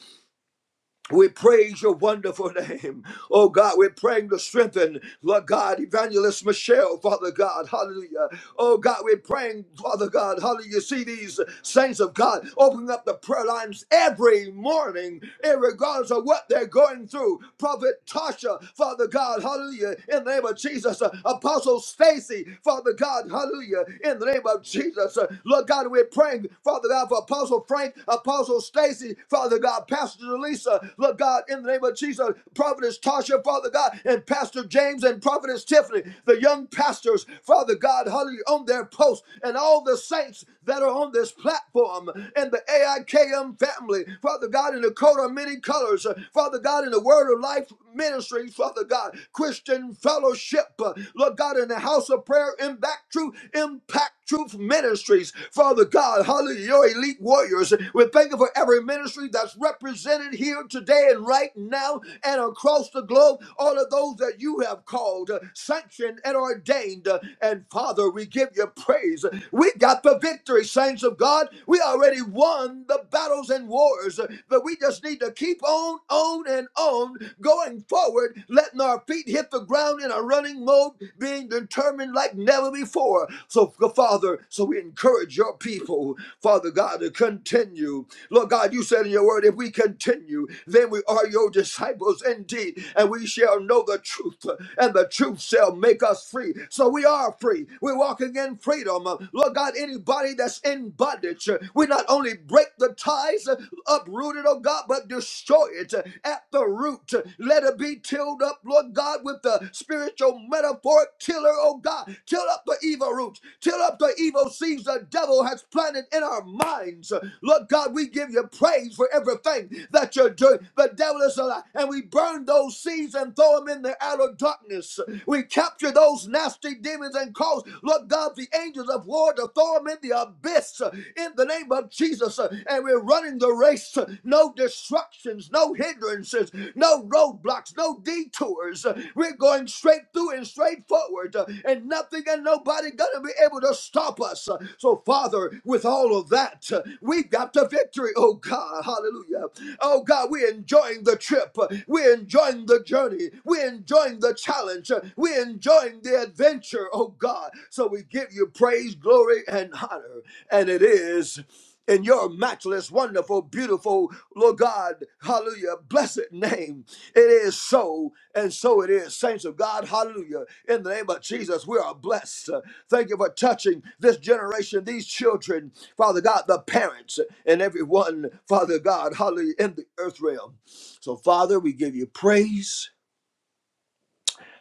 we praise your wonderful name. Oh God, we're praying to strengthen, Lord God, Evangelist Michelle, Father God, hallelujah. Oh God, we're praying, Father God, hallelujah. You see these saints of God opening up the prayer lines every morning, regardless of what they're going through. Prophet Tasha, Father God, hallelujah, in the name of Jesus. Uh, Apostle Stacy, Father God, hallelujah, in the name of Jesus. Uh, Lord God, we're praying, Father God, for Apostle Frank, Apostle Stacy, Father God, Pastor Lisa, Lord God, in the name of Jesus, Prophetess Tasha, Father God, and Pastor James and Prophetess Tiffany, the young pastors, Father God, hallelujah, on their post, and all the saints that are on this platform, and the AIKM family, Father God, in the coat of many colors, Father God, in the Word of Life ministry, Father God, Christian fellowship, uh, Lord God, in the house of prayer, impact truth, impact truth ministries, Father God, hallelujah, your elite warriors. We thank you for every ministry that's represented here today today and right now and across the globe, all of those that you have called, uh, sanctioned, and ordained. Uh, And Father, we give you praise. We got the victory, saints of God. We already won the battles and wars, uh, but we just need to keep on, on, and on going forward, letting our feet hit the ground in a running mode, being determined like never before. So, Father, so we encourage your people, Father God, to continue. Lord God, you said in your word, if we continue, they then we are your disciples indeed, and we shall know the truth, and the truth shall make us free. So we are free. We're walking in freedom. Lord God, anybody that's in bondage, we not only break the ties, uproot it, oh God, but destroy it at the root. Let it be tilled up, Lord God, with the spiritual metaphoric tiller, oh God. Till up the evil roots, till up the evil seeds the devil has planted in our minds. Lord God, we give you praise for everything that you're doing. The devil is alive. And we burn those seeds and throw them in the outer darkness. We capture those nasty demons and cause, Lord God, the angels of war to throw them in the abyss uh, in the name of Jesus. uh, And we're running the race. uh, No distractions, no hindrances, no roadblocks, no detours. uh, We're going straight through and straight forward. uh, And nothing and nobody gonna be able to stop us. Uh, So, Father, with all of that, uh, we've got the victory, oh God. Hallelujah. Oh God, we enjoying the trip. We're enjoying the journey. We're enjoying the challenge. We're enjoying the adventure, oh God. So we give you praise, glory, and honor. And it is in your matchless, wonderful, beautiful, Lord God, hallelujah, blessed name. It is so, and so it is. Saints of God, hallelujah. In the name of Jesus, we are blessed. Uh, Thank you for touching this generation, these children, Father God, the parents, and everyone, Father God, hallelujah, in the earth realm. So, Father, we give you praise.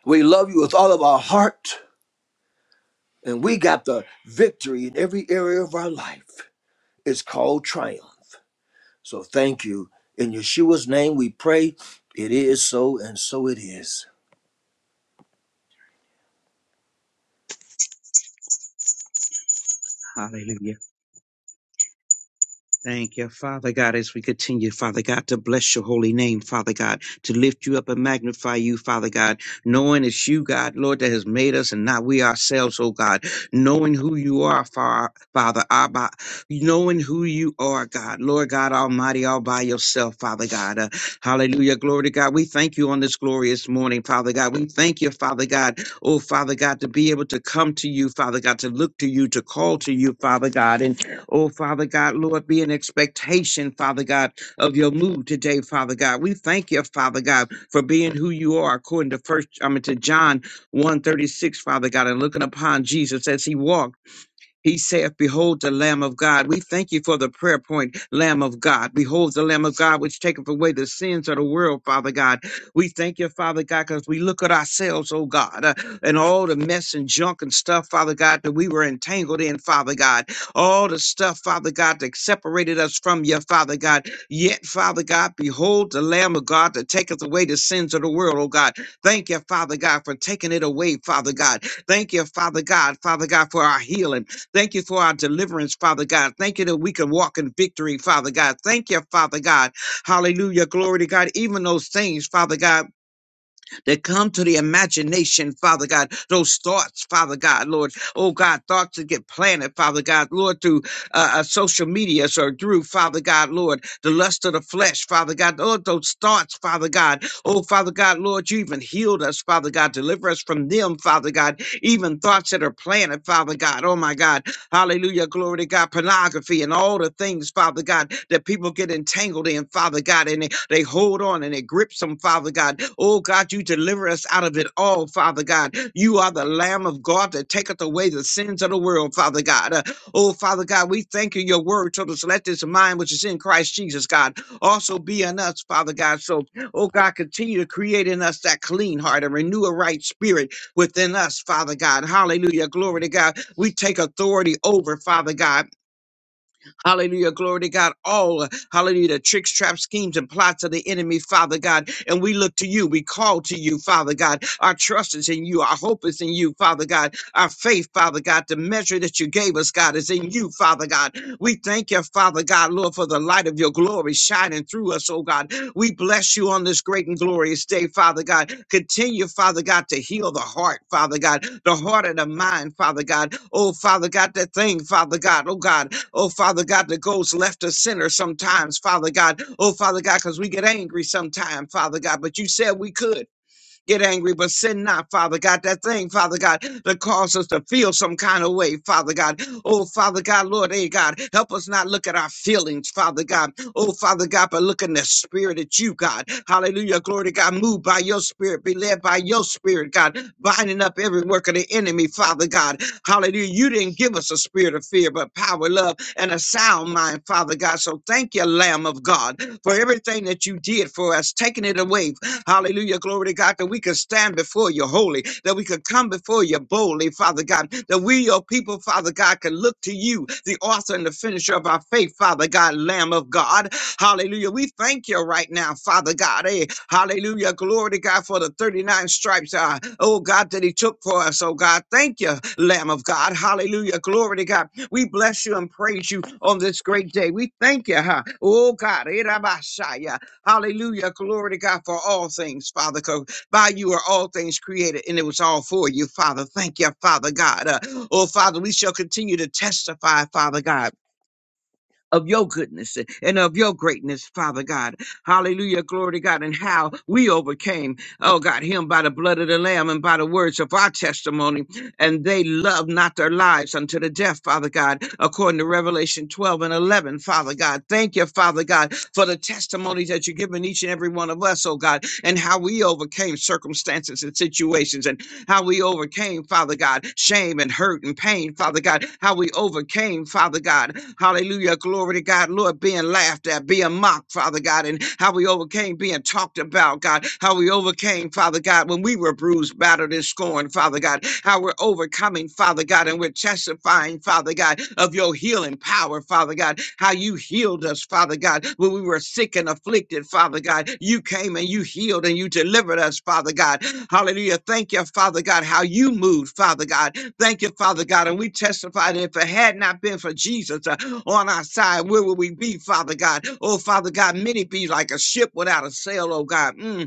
We love you with all of our heart. And we got the victory in every area of our life. It's called triumph. So, thank you. In Yeshua's name, we pray. It is so, and so it is.
Hallelujah. Thank you, Father God, as we continue, Father God, to bless your holy name, Father God, to lift you up and magnify you, Father God, knowing it's you, God, Lord, that has made us and not we ourselves, oh God, knowing who you are, Fa- Father, Abba, knowing who you are, God, Lord God Almighty, all by yourself, Father God. Uh, hallelujah. Glory to God. We thank you on this glorious morning, Father God. We thank you, Father God, oh Father God, to be able to come to you, Father God, to look to you, to call to you, Father God. and Oh, Father God, Lord, be an expectation, Father God, of your move today, Father God. We thank you, Father God, for being who you are, according to first, I mean to John 136, Father God, and looking upon Jesus as he walked. He saith, Behold the Lamb of God. We thank you for the prayer point, Lamb of God. Behold the Lamb of God, which taketh away the sins of the world, Father God. We thank you, Father God, because we look at ourselves, oh God, uh, and all the mess and junk and stuff, Father God, that we were entangled in, Father God. All the stuff, Father God, that separated us from you, Father God. Yet, Father God, behold the Lamb of God that taketh away the sins of the world, oh God. Thank you, Father God, for taking it away, Father God. Thank you, Father God, Father God, for our healing. Thank you for our deliverance, Father God. Thank you that we can walk in victory, Father God. Thank you, Father God. Hallelujah. Glory to God. Even those things, Father God, that come to the imagination, Father God, those thoughts, Father God, Lord. Oh God, thoughts that get planted, Father God, Lord, through uh, uh, social media or through, Father God, Lord, the lust of the flesh, Father God, Lord, those thoughts, Father God. Oh, Father God, Lord, you even healed us, Father God. Deliver us from them, Father God. Even thoughts that are planted, Father God. Oh, my God Hallelujah. Glory to God. Pornography and all the things, Father God, that people get entangled in, Father God, and they, they hold on and it grips them, Father God. Oh God, you deliver us out of it all, Father God. You are the Lamb of God that taketh away the sins of the world, Father God. Uh, oh Father God, we thank you. Your word told us, let this mind which is in Christ Jesus, God, also be in us, Father God. So, oh God, continue to create in us that clean heart and renew a right spirit within us, Father God. Hallelujah. Glory to God. We take authority over, Father God Hallelujah. Glory to God. All, hallelujah, the tricks, traps, schemes, and plots of the enemy, Father God. And we look to you. We call to you, Father God. Our trust is in you. Our hope is in you, Father God. Our faith, Father God, the measure that you gave us, God, is in you, Father God. We thank you, Father God, Lord, for the light of your glory shining through us, oh God. We bless you on this great and glorious day, Father God. Continue, Father God, to heal the heart, Father God, the heart and the mind, Father God. Oh, Father God, that thing, Father God, oh God. Oh, Father God, that goes left of center sometimes, Father God. Oh, Father God, because we get angry sometimes, Father God. But you said we could get angry, but sin not, Father God. That thing, Father God, that causes us to feel some kind of way, Father God. Oh, Father God, Lord, hey, God, help us not look at our feelings, Father God. Oh, Father God, but look in the spirit at you, God. Hallelujah. Glory to God. Move by your spirit, be led by your spirit, God. Binding up every work of the enemy, Father God. Hallelujah. You didn't give us a spirit of fear, but power, love, and a sound mind, Father God. So thank you, Lamb of God, for everything that you did for us, taking it away. Hallelujah. Glory to God, that we could stand before you holy, that we could come before you boldly, Father God, that we, your people, people, Father God, can look to you, the author and the finisher of our faith, Father God, Lamb of God. Hallelujah. We thank you right now, Father God. eh, hallelujah. Glory to God for the 39 stripes, uh, oh God, that He took for us, oh God. Thank you, Lamb of God. Hallelujah. Glory to God. We bless you and praise you on this great day. We thank you, huh? oh God. eh, Rabashaya. Hallelujah. Glory to God for all things, Father. By you are all things created, and it was all for you, Father. Thank you, Father God. Uh, oh, Father, we shall continue to testify, Father God of your goodness and of your greatness, Father God. Hallelujah. Glory to God. And how we overcame, oh God, him by the blood of the Lamb and by the words of our testimony. And they loved not their lives unto the death, Father God, according to Revelation 12 and 11, Father God. Thank you, Father God, for the testimonies that you've given each and every one of us, oh God, and how we overcame circumstances and situations how we overcame, Father God, shame and hurt and pain, Father God, how we overcame, Father God, hallelujah, glory to God, Lord, being laughed at, being mocked, Father God, and how we overcame being talked about, God, how we overcame, Father God, when we were bruised, battered, and scorned, Father God, how we're overcoming, Father God, and we're testifying, Father God, of your healing power, Father God, how you healed us, Father God, when we were sick and afflicted, Father God. You came and you healed and you delivered us, Father God. Hallelujah. Thank you, Father God, how you moved, Father God. Thank you, Father God. And we testify that if it had not been for Jesus uh, on our side, where would we be, Father God? Oh, Father God, many be like a ship without a sail, oh God. Mm.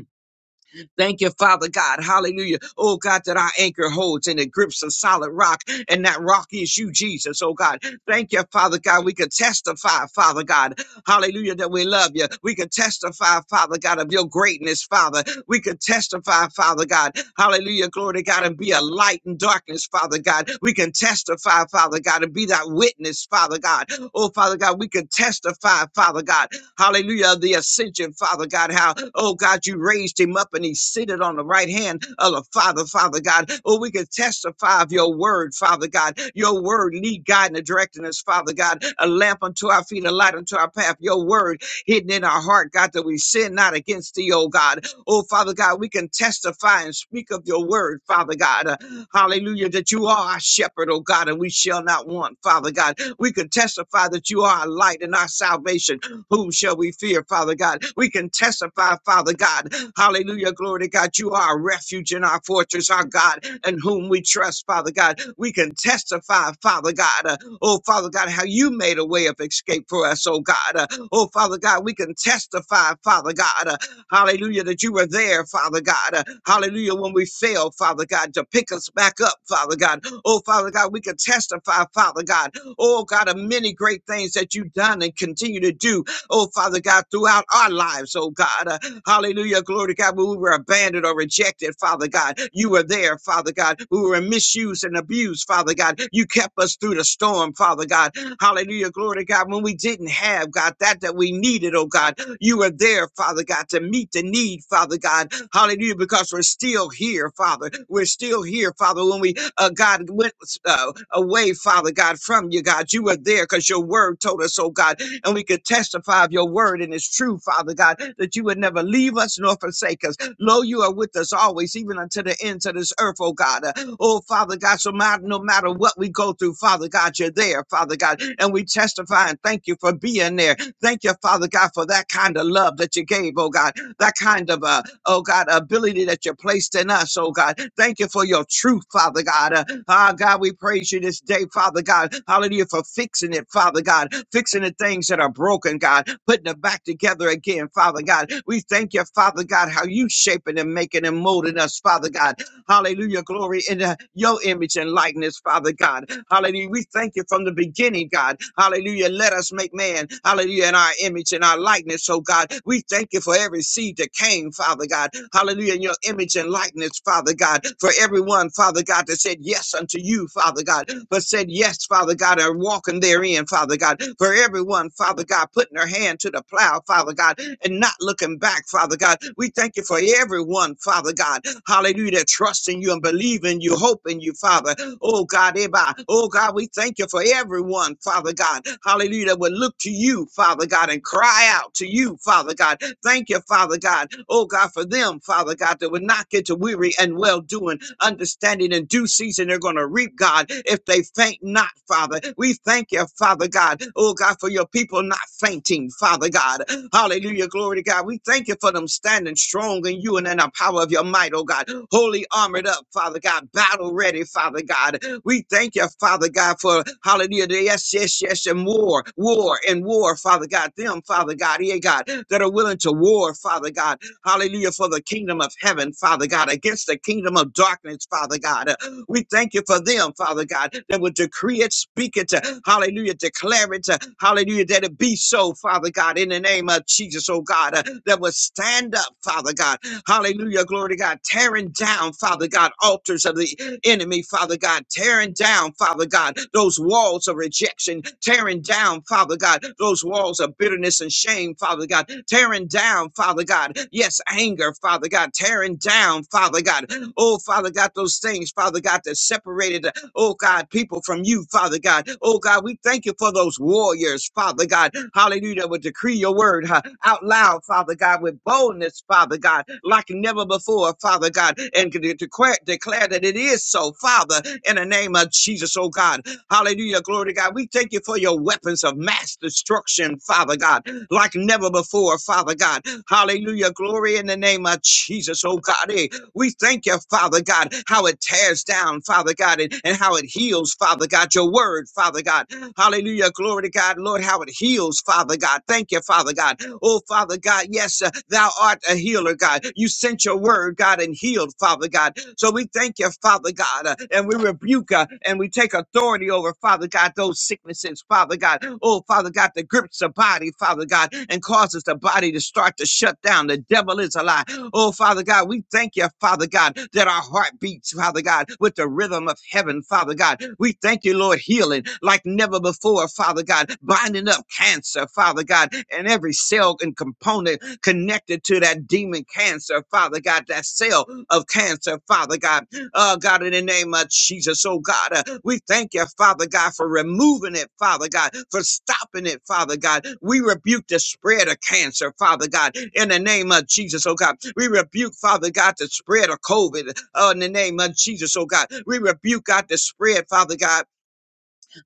Thank you, Father God. Hallelujah. Oh God, that our anchor holds and it grips a solid rock, and that rock is you, Jesus. Oh God. Thank you, Father God. We can testify, Father God. Hallelujah, that we love you. We can testify, Father God, of your greatness, Father. We can testify, Father God. Hallelujah, glory to God, and be a light in darkness, Father God. We can testify, Father God, and be that witness, Father God. Oh, Father God, we can testify, Father God. Hallelujah. The ascension, Father God, how, oh God, you raised him up and he's seated on the right hand of the Father, Father God. Oh, we can testify of your word, Father God. Your word lead, guide, and directing us, Father God. A lamp unto our feet, a light unto our path. Your word hidden in our heart, God, that we sin not against thee, oh God. Oh, Father God, we can testify and speak of your word, Father God. Uh, hallelujah, that you are our shepherd, oh God, and we shall not want, Father God. We can testify that you are our light and our salvation. Whom shall we fear, Father God? We can testify, Father God. Hallelujah. Glory to God. You are our refuge and our fortress, our God, and whom we trust, Father God. We can testify, Father God. uh, oh, Father God, how you made a way of escape for us, oh God. Uh, oh, Father God, we can testify, Father God. uh, hallelujah, that you were there, Father God. Uh, hallelujah, when we failed, Father God, to pick us back up, Father God. Oh, Father God, we can testify, Father God. Oh, God, of many great things that you've done and continue to do, oh Father God, throughout our lives, oh God. Uh, hallelujah, glory to God. When we were abandoned or rejected, Father God, you were there, Father God. We were misused and abused, Father God. You kept us through the storm, Father God. Hallelujah, glory to God. When we didn't have, God, that that we needed, oh God, you were there, Father God, to meet the need, Father God. Hallelujah, because we're still here, Father. We're still here, Father. When we, uh, God, went uh, away, Father God, from you, God, you were there because your word told us, oh God, and we could testify of your word and it's true, Father God, that you would never leave us nor forsake us. Lo, you are with us always, even unto the ends of this earth, oh God. Uh, Oh, Father God, so ma- no matter what we go through, Father God, you're there, Father God, and we testify and thank you for being there. Thank you, Father God, for that kind of love that you gave, oh God that kind of, uh, oh God, ability that you placed in us, oh God. Thank you for your truth, Father God. Uh, ah, God, we praise you this day, Father God. Hallelujah, for fixing it, Father God, fixing the things that are broken, God, putting it back together again, Father God. We thank you, Father God, how you shaping and making and molding us, Father God. Hallelujah. Glory in uh, your image and likeness, Father God. Hallelujah. We thank you from the beginning, God. Hallelujah. Let us make man, hallelujah, in our image and our likeness, oh God. We thank you for every seed that came, Father God. Hallelujah. In your image and likeness, Father God. For everyone, Father God, that said yes unto you, Father God, but said yes, Father God, and walking therein praying, Father God, for everyone, Father God, putting their hand to the plow, Father God, and not looking back, Father God. We thank you for everyone, Father God. Hallelujah. trusting you and believing you, hoping you, Father. Oh God, Eba. Oh God, we thank you for everyone, Father God. Hallelujah. That would look to you, Father God, and cry out to you, Father God. Thank you, Father God. Oh God, for them, Father God, that would not get to weary and well doing, understanding in due season, they're going to reap, God, if they faint not, Father. We thank you, Father God. Oh God, for your people not fainting, Father God. Hallelujah. Glory to God. We thank you for them standing strong in you and in the power of your might, oh God. Holy armored up, Father God. Battle ready, Father God. We thank you, Father God, for hallelujah. the Yes, yes, yes, and war, war and war, Father God. Them, Father God, yeah, God, that are willing to war, Father God. Hallelujah. For the kingdom of heaven, Father God, against the kingdom of darkness, Father God. Uh, We thank you for them, Father God, that will decree it, speak it, uh, hallelujah, declare it, uh, hallelujah, that it be so, Father God, in the name of Jesus, oh God, uh, that will stand up, Father God, hallelujah, glory to God, tearing down, Father God, altars of the enemy, Father God, tearing down, Father God, those walls of rejection, tearing down, Father God, those walls of bitterness and shame, Father God, tearing down, Father God, yes, anger, Father God, tearing down, Father God, oh, Father God, those things, Father God, that separated Oh God, people from you, Father God. Oh God, we thank you for those warriors, Father God. Hallelujah. Will decree your word huh, out loud, Father God, with boldness, Father God, like never before, Father God, and de- declare, declare that it is so, Father, in the name of Jesus, oh God. Hallelujah. Glory to God. We thank you for your weapons of mass destruction, Father God, like never before, Father God. Hallelujah. Glory in the name of Jesus, oh God. Eh, we thank you, Father God, how it tears down, Father God, and, and how it heals, Father God, your word, Father God. Hallelujah. Glory to God, Lord, how it heals, Father God. Thank you, Father God. Oh, Father God, yes, uh, thou art a healer, God. You sent your word, God, and healed, Father God. So we thank you, Father God, uh, and we rebuke uh, and we take authority over, Father God, those sicknesses, Father God. Oh, Father God, that grips the body, Father God, and causes the body body to start to shut down. The devil is a lie. Oh, Father God, we thank you, Father God, that our heart beats, Father God, with the rhythm of heaven, Father God. We thank you, Lord, healing like never before, Father God, binding up cancer, Father God, and every cell and component connected to that demon cancer, Father God, that cell of cancer, Father God. Oh, God, in the name of Jesus, oh, God, uh, we thank you, Father God, for removing it, Father God, for stopping it, Father God. We rebuke the spread of cancer, Father God, in the name of Jesus, oh, God. We rebuke, Father God, the spread of COVID, oh, in the name of Jesus, oh, God. We rebuke, God, the spread, Father God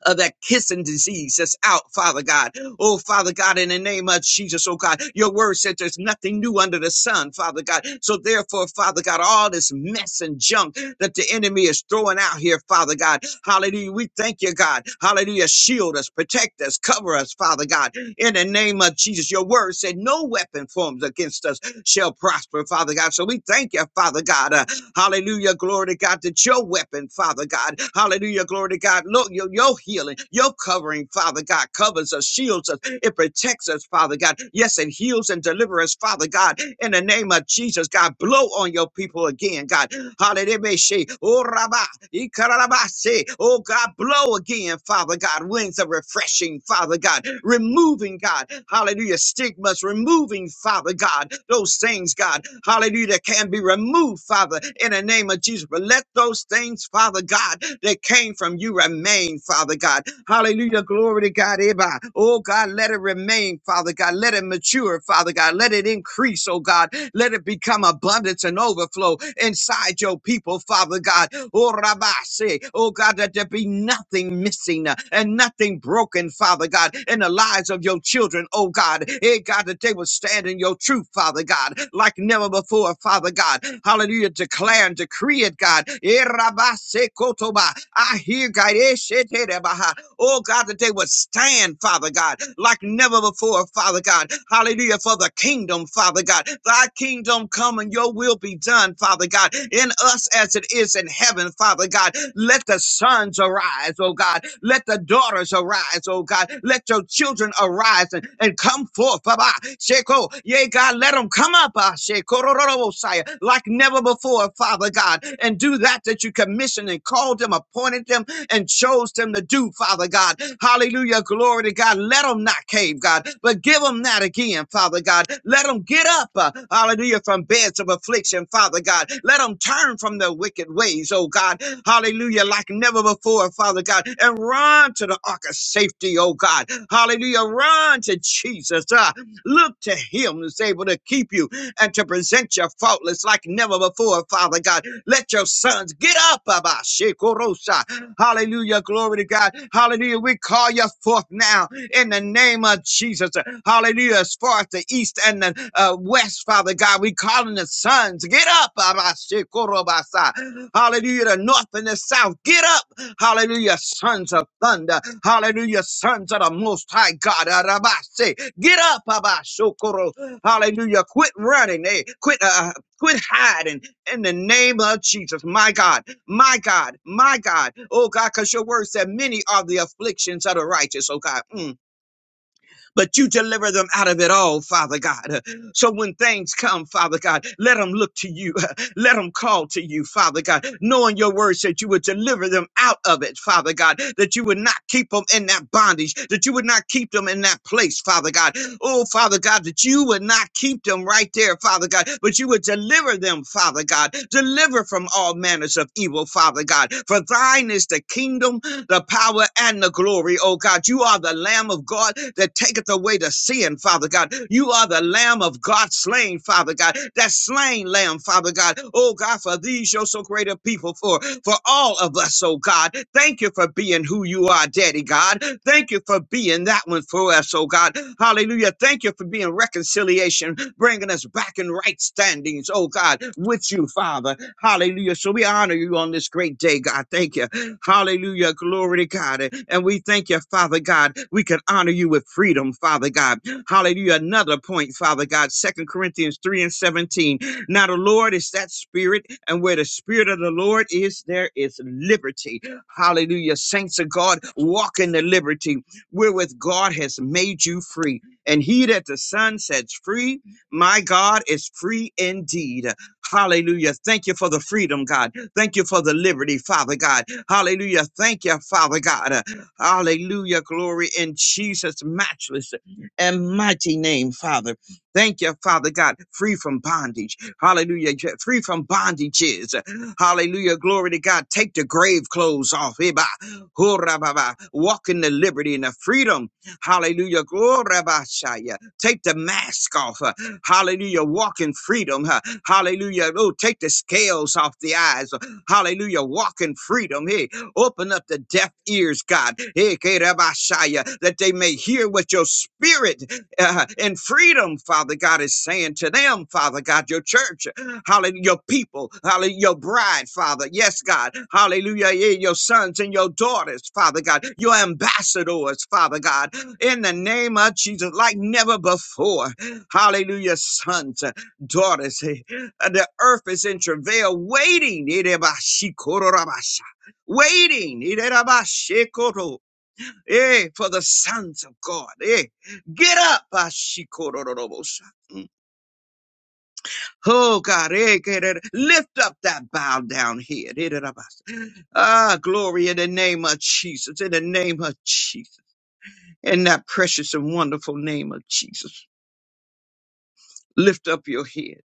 of that kissing disease that's out, Father God. Oh, Father God, in the name of Jesus, oh God, your word said there's nothing new under the sun, Father God. So therefore, Father God, all this mess and junk that the enemy is throwing out here, Father God, hallelujah, we thank you, God. Hallelujah, shield us, protect us, cover us, Father God, in the name of Jesus. Your word said no weapon forms against us shall prosper, Father God. So we thank you, Father God. Uh, hallelujah. Glory to God that your weapon, Father God. Hallelujah. Glory to God. Look, your, your healing, your covering, Father God, covers us, shields us, it protects us, Father God. Yes, it heals and delivers us, Father God. In the name of Jesus, God, blow on your people again, God. Hallelujah. she, Oh, Rabba, Ikarabase. Oh, God, blow again, Father God. Winds of refreshing, Father God. Removing, God. Hallelujah. Stigmas, removing, Father God. God, those things, God, hallelujah, that can be removed, Father, in the name of Jesus. But let those things, Father God, that came from you remain, Father God. Hallelujah, glory to God. Eba. Oh God, let it remain, Father God. Let it mature, Father God. Let it increase, oh God. Let it become abundance and overflow inside your people, Father God. Oh, Rabase. Oh, God, that there be nothing missing uh, and nothing broken, Father God, in the lives of your children, oh God. Hey, God, that they will stand stand in your truth, Father God, like never before, Father God. Hallelujah. Declare and decree it, God. Eh, I hear, God. eh, shete, Oh, God, that they would stand, Father God, like never before, Father God. Hallelujah. For the kingdom, Father God. Thy kingdom come and your will be done, Father God, in us as it is in heaven, Father God. Let the sons arise, oh God. Let the daughters arise, oh God. Let your children arise and, and come forth, Baba. Sheko, yea, God, let them come up, ah, Shekorororobosai, like never before, Father God, and do that that you commissioned and called them, appointed them, and chose them to do, Father God. Hallelujah. Glory to God. Let them not cave, God, but give them that again, Father God. Let them get up, uh, hallelujah, from beds of affliction, Father God. Let them turn from their wicked ways, oh God. Hallelujah. Like never before, Father God. And run to the ark of safety, oh God. Hallelujah. Run to Jesus. ah, Look to him who's able to keep you and to present your faultless like never before, Father God. Let your sons get up, Abba. Shekorosa. Hallelujah. Glory to God. Hallelujah. We call you forth now in the name of Jesus. Hallelujah. As far as the east and the uh, west, Father God, we calling the sons. Get up, Abba. Shekorobasa. Hallelujah. The north and the south. Get up. Hallelujah, sons of thunder. Hallelujah, sons of the most high God. Arabase. Get up, Abashokoro. Hallelujah. Quit running. Eh? Quit uh uh, quit hiding in the name of Jesus. My God, my God, my God. Oh God, because your word said many are the afflictions of the righteous, oh God. Mm. But you deliver them out of it all, Father God. So when things come, Father God, let them look to you. Let them call to you, Father God, knowing your word said you would deliver them out of it, Father God, that you would not keep them in that bondage, that you would not keep them in that place, Father God. Oh, Father God, that you would not keep them right there, Father God, but you would deliver them, Father God. Deliver from all manners of evil, Father God. For thine is the kingdom, the power, and the glory, oh God. You are the Lamb of God that taketh away the to sin, Father God. You are the Lamb of God slain, Father God. That slain Lamb, Father God. Oh God, for these you're so great a people for for all of us, oh God. Thank you for being who you are, Daddy God. Thank you for being that one for us, oh God. Hallelujah. Thank you for being reconciliation, bringing us back in right standings, oh God, with you, Father. Hallelujah. So we honor you on this great day, God. Thank you. Hallelujah. Glory to God. And we thank you, Father God. We can honor you with freedom, Father God. Hallelujah. Another point, Father God. Second Corinthians 3 and 17. Now the Lord is that spirit, and where the spirit of the Lord is, there is liberty. Hallelujah. Saints of God, walk in the liberty wherewith God has made you free. And he that the Son sets free, my God, is free indeed. Hallelujah. Thank you for the freedom, God. Thank you for the liberty, Father God. Hallelujah. Thank you, Father God. Uh, Hallelujah. Glory in Jesus' matchless and mighty name, Father. Thank you, Father God. Free from bondage. Hallelujah. J- Free from bondages. Hallelujah. Glory to God. Take the grave clothes off. Eba. Hurrah, ba, Walk in the liberty and the freedom. Hallelujah. Glory, ba, shaya. Take the mask off. Uh, Hallelujah. Walk in freedom. huh. Hallelujah. Oh, take the scales off the eyes. uh. Hallelujah. Walk in freedom. Hey, open up the deaf ears, God. Hey, Kerabashaya, that they may hear what your spirit uh, and freedom, Father God, is saying to them, Father God, your church, hallelujah, your people, hallelujah, your bride, Father. Yes, God, hallelujah, yeah, your sons and your daughters, Father God, your ambassadors, Father God, in the name of Jesus, like never before. Hallelujah, sons, daughters. Hey, uh, The earth is in travail, waiting. Irebashikororabasha, Waiting Irebashikoto, eh, for the sons of God. Eh. Get up. Bashikororobosha. Mm. Oh God, eh, get it. lift up that bow down head. Irebasha. Ah, glory in the name of Jesus. In the name of Jesus. In that precious and wonderful name of Jesus. Lift up your head.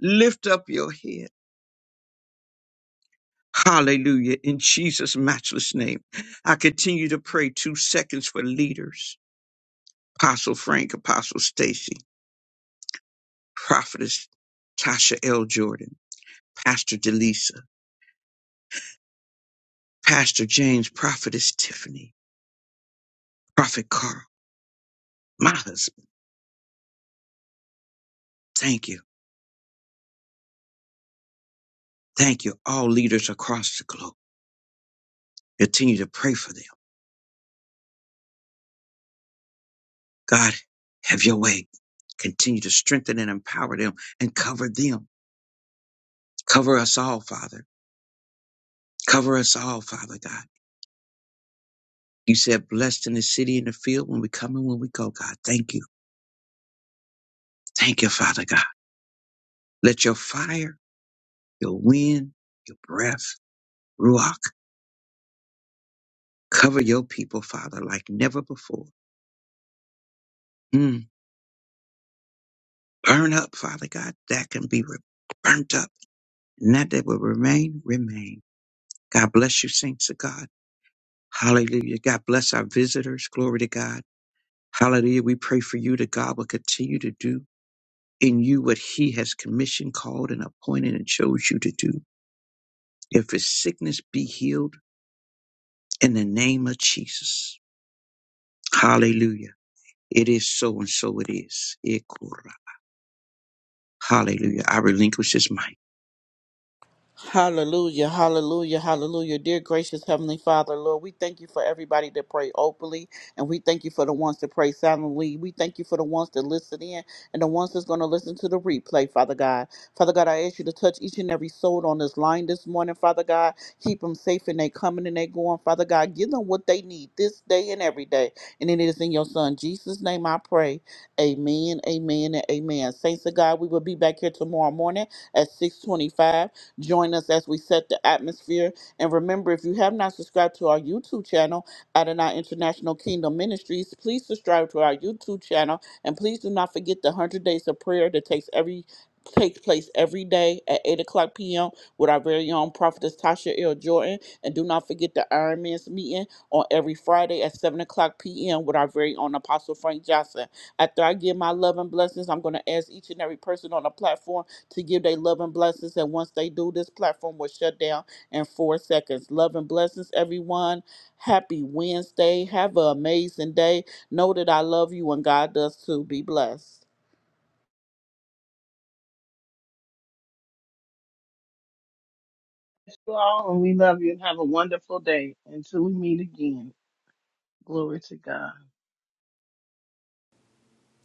Lift up your head. Hallelujah. In Jesus' matchless name. I continue to pray two seconds for leaders. Apostle Frank, Apostle Stacy, Prophetess Tasha L. Jordan, Pastor Delisa, Pastor James, Prophetess Tiffany, Prophet Carl, my husband. Thank you. Thank you. All leaders across the globe. Continue to pray for them. God, have your way. Continue to strengthen and empower them and cover them. Cover us all, Father. Cover us all, Father God. You said blessed in the city and the field when we come and when we go, God. Thank you. Thank you, Father God. Let your fire, your wind, your breath, Ruach, cover your people, Father, like never before. Mm. Burn up, Father God. That can be re- burnt up. And that that will remain, remain. God bless you, saints of God. Hallelujah. God bless our visitors. Glory to God. Hallelujah. We pray for you that God will continue to do in you what he has commissioned, called, and appointed and chose you to do. If his sickness, be healed in the name of Jesus. Hallelujah. It is so and so it is. Ikura. Hallelujah. I relinquish this mic.
Hallelujah, hallelujah, hallelujah. Dear gracious Heavenly Father, Lord, we thank you for everybody that pray openly, and we thank you for the ones that pray silently. We thank you for the ones that listen in and the ones that's going to listen to the replay, Father God. Father God, I ask you to touch each and every soul on this line this morning, Father God. Keep them safe and they coming and they going, Father God. Give them what they need this day and every day. And it is in your Son, Jesus' name, I pray. Amen, amen, and amen. Saints of God, we will be back here tomorrow morning at 625. Join us as we set the atmosphere. And remember, if you have not subscribed to our YouTube channel, Adonai International Kingdom Ministries, please subscribe to our YouTube channel. And please do not forget the 100 Days of Prayer that takes every takes place every day at 8 o'clock p.m. with our very own prophetess Tasha L. Jordan. And do not forget the Iron Man's meeting on every Friday at 7 o'clock p.m. with our very own Apostle Frank Johnson. After I give my love and blessings, I'm going to ask each and every person on the platform to give their love and blessings. And once they do, this platform will shut down in four seconds. Love and blessings, everyone. Happy Wednesday. Have an amazing day. Know that I love you and God does too. Be blessed.
Thank You all, and we love you, and have a wonderful day until we meet again. Glory to God.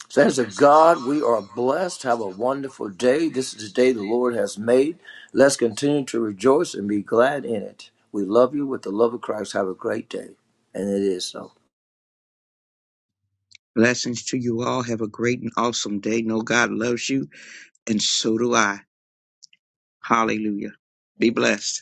Saints of God, we are blessed. Have a wonderful day. This is the day the Lord has made. Let's continue to rejoice and be glad in it. We love you with the love of Christ. Have a great day. And it is so.
Blessings to you all. Have a great and awesome day. Know God loves you, and so do I. Hallelujah. Be blessed.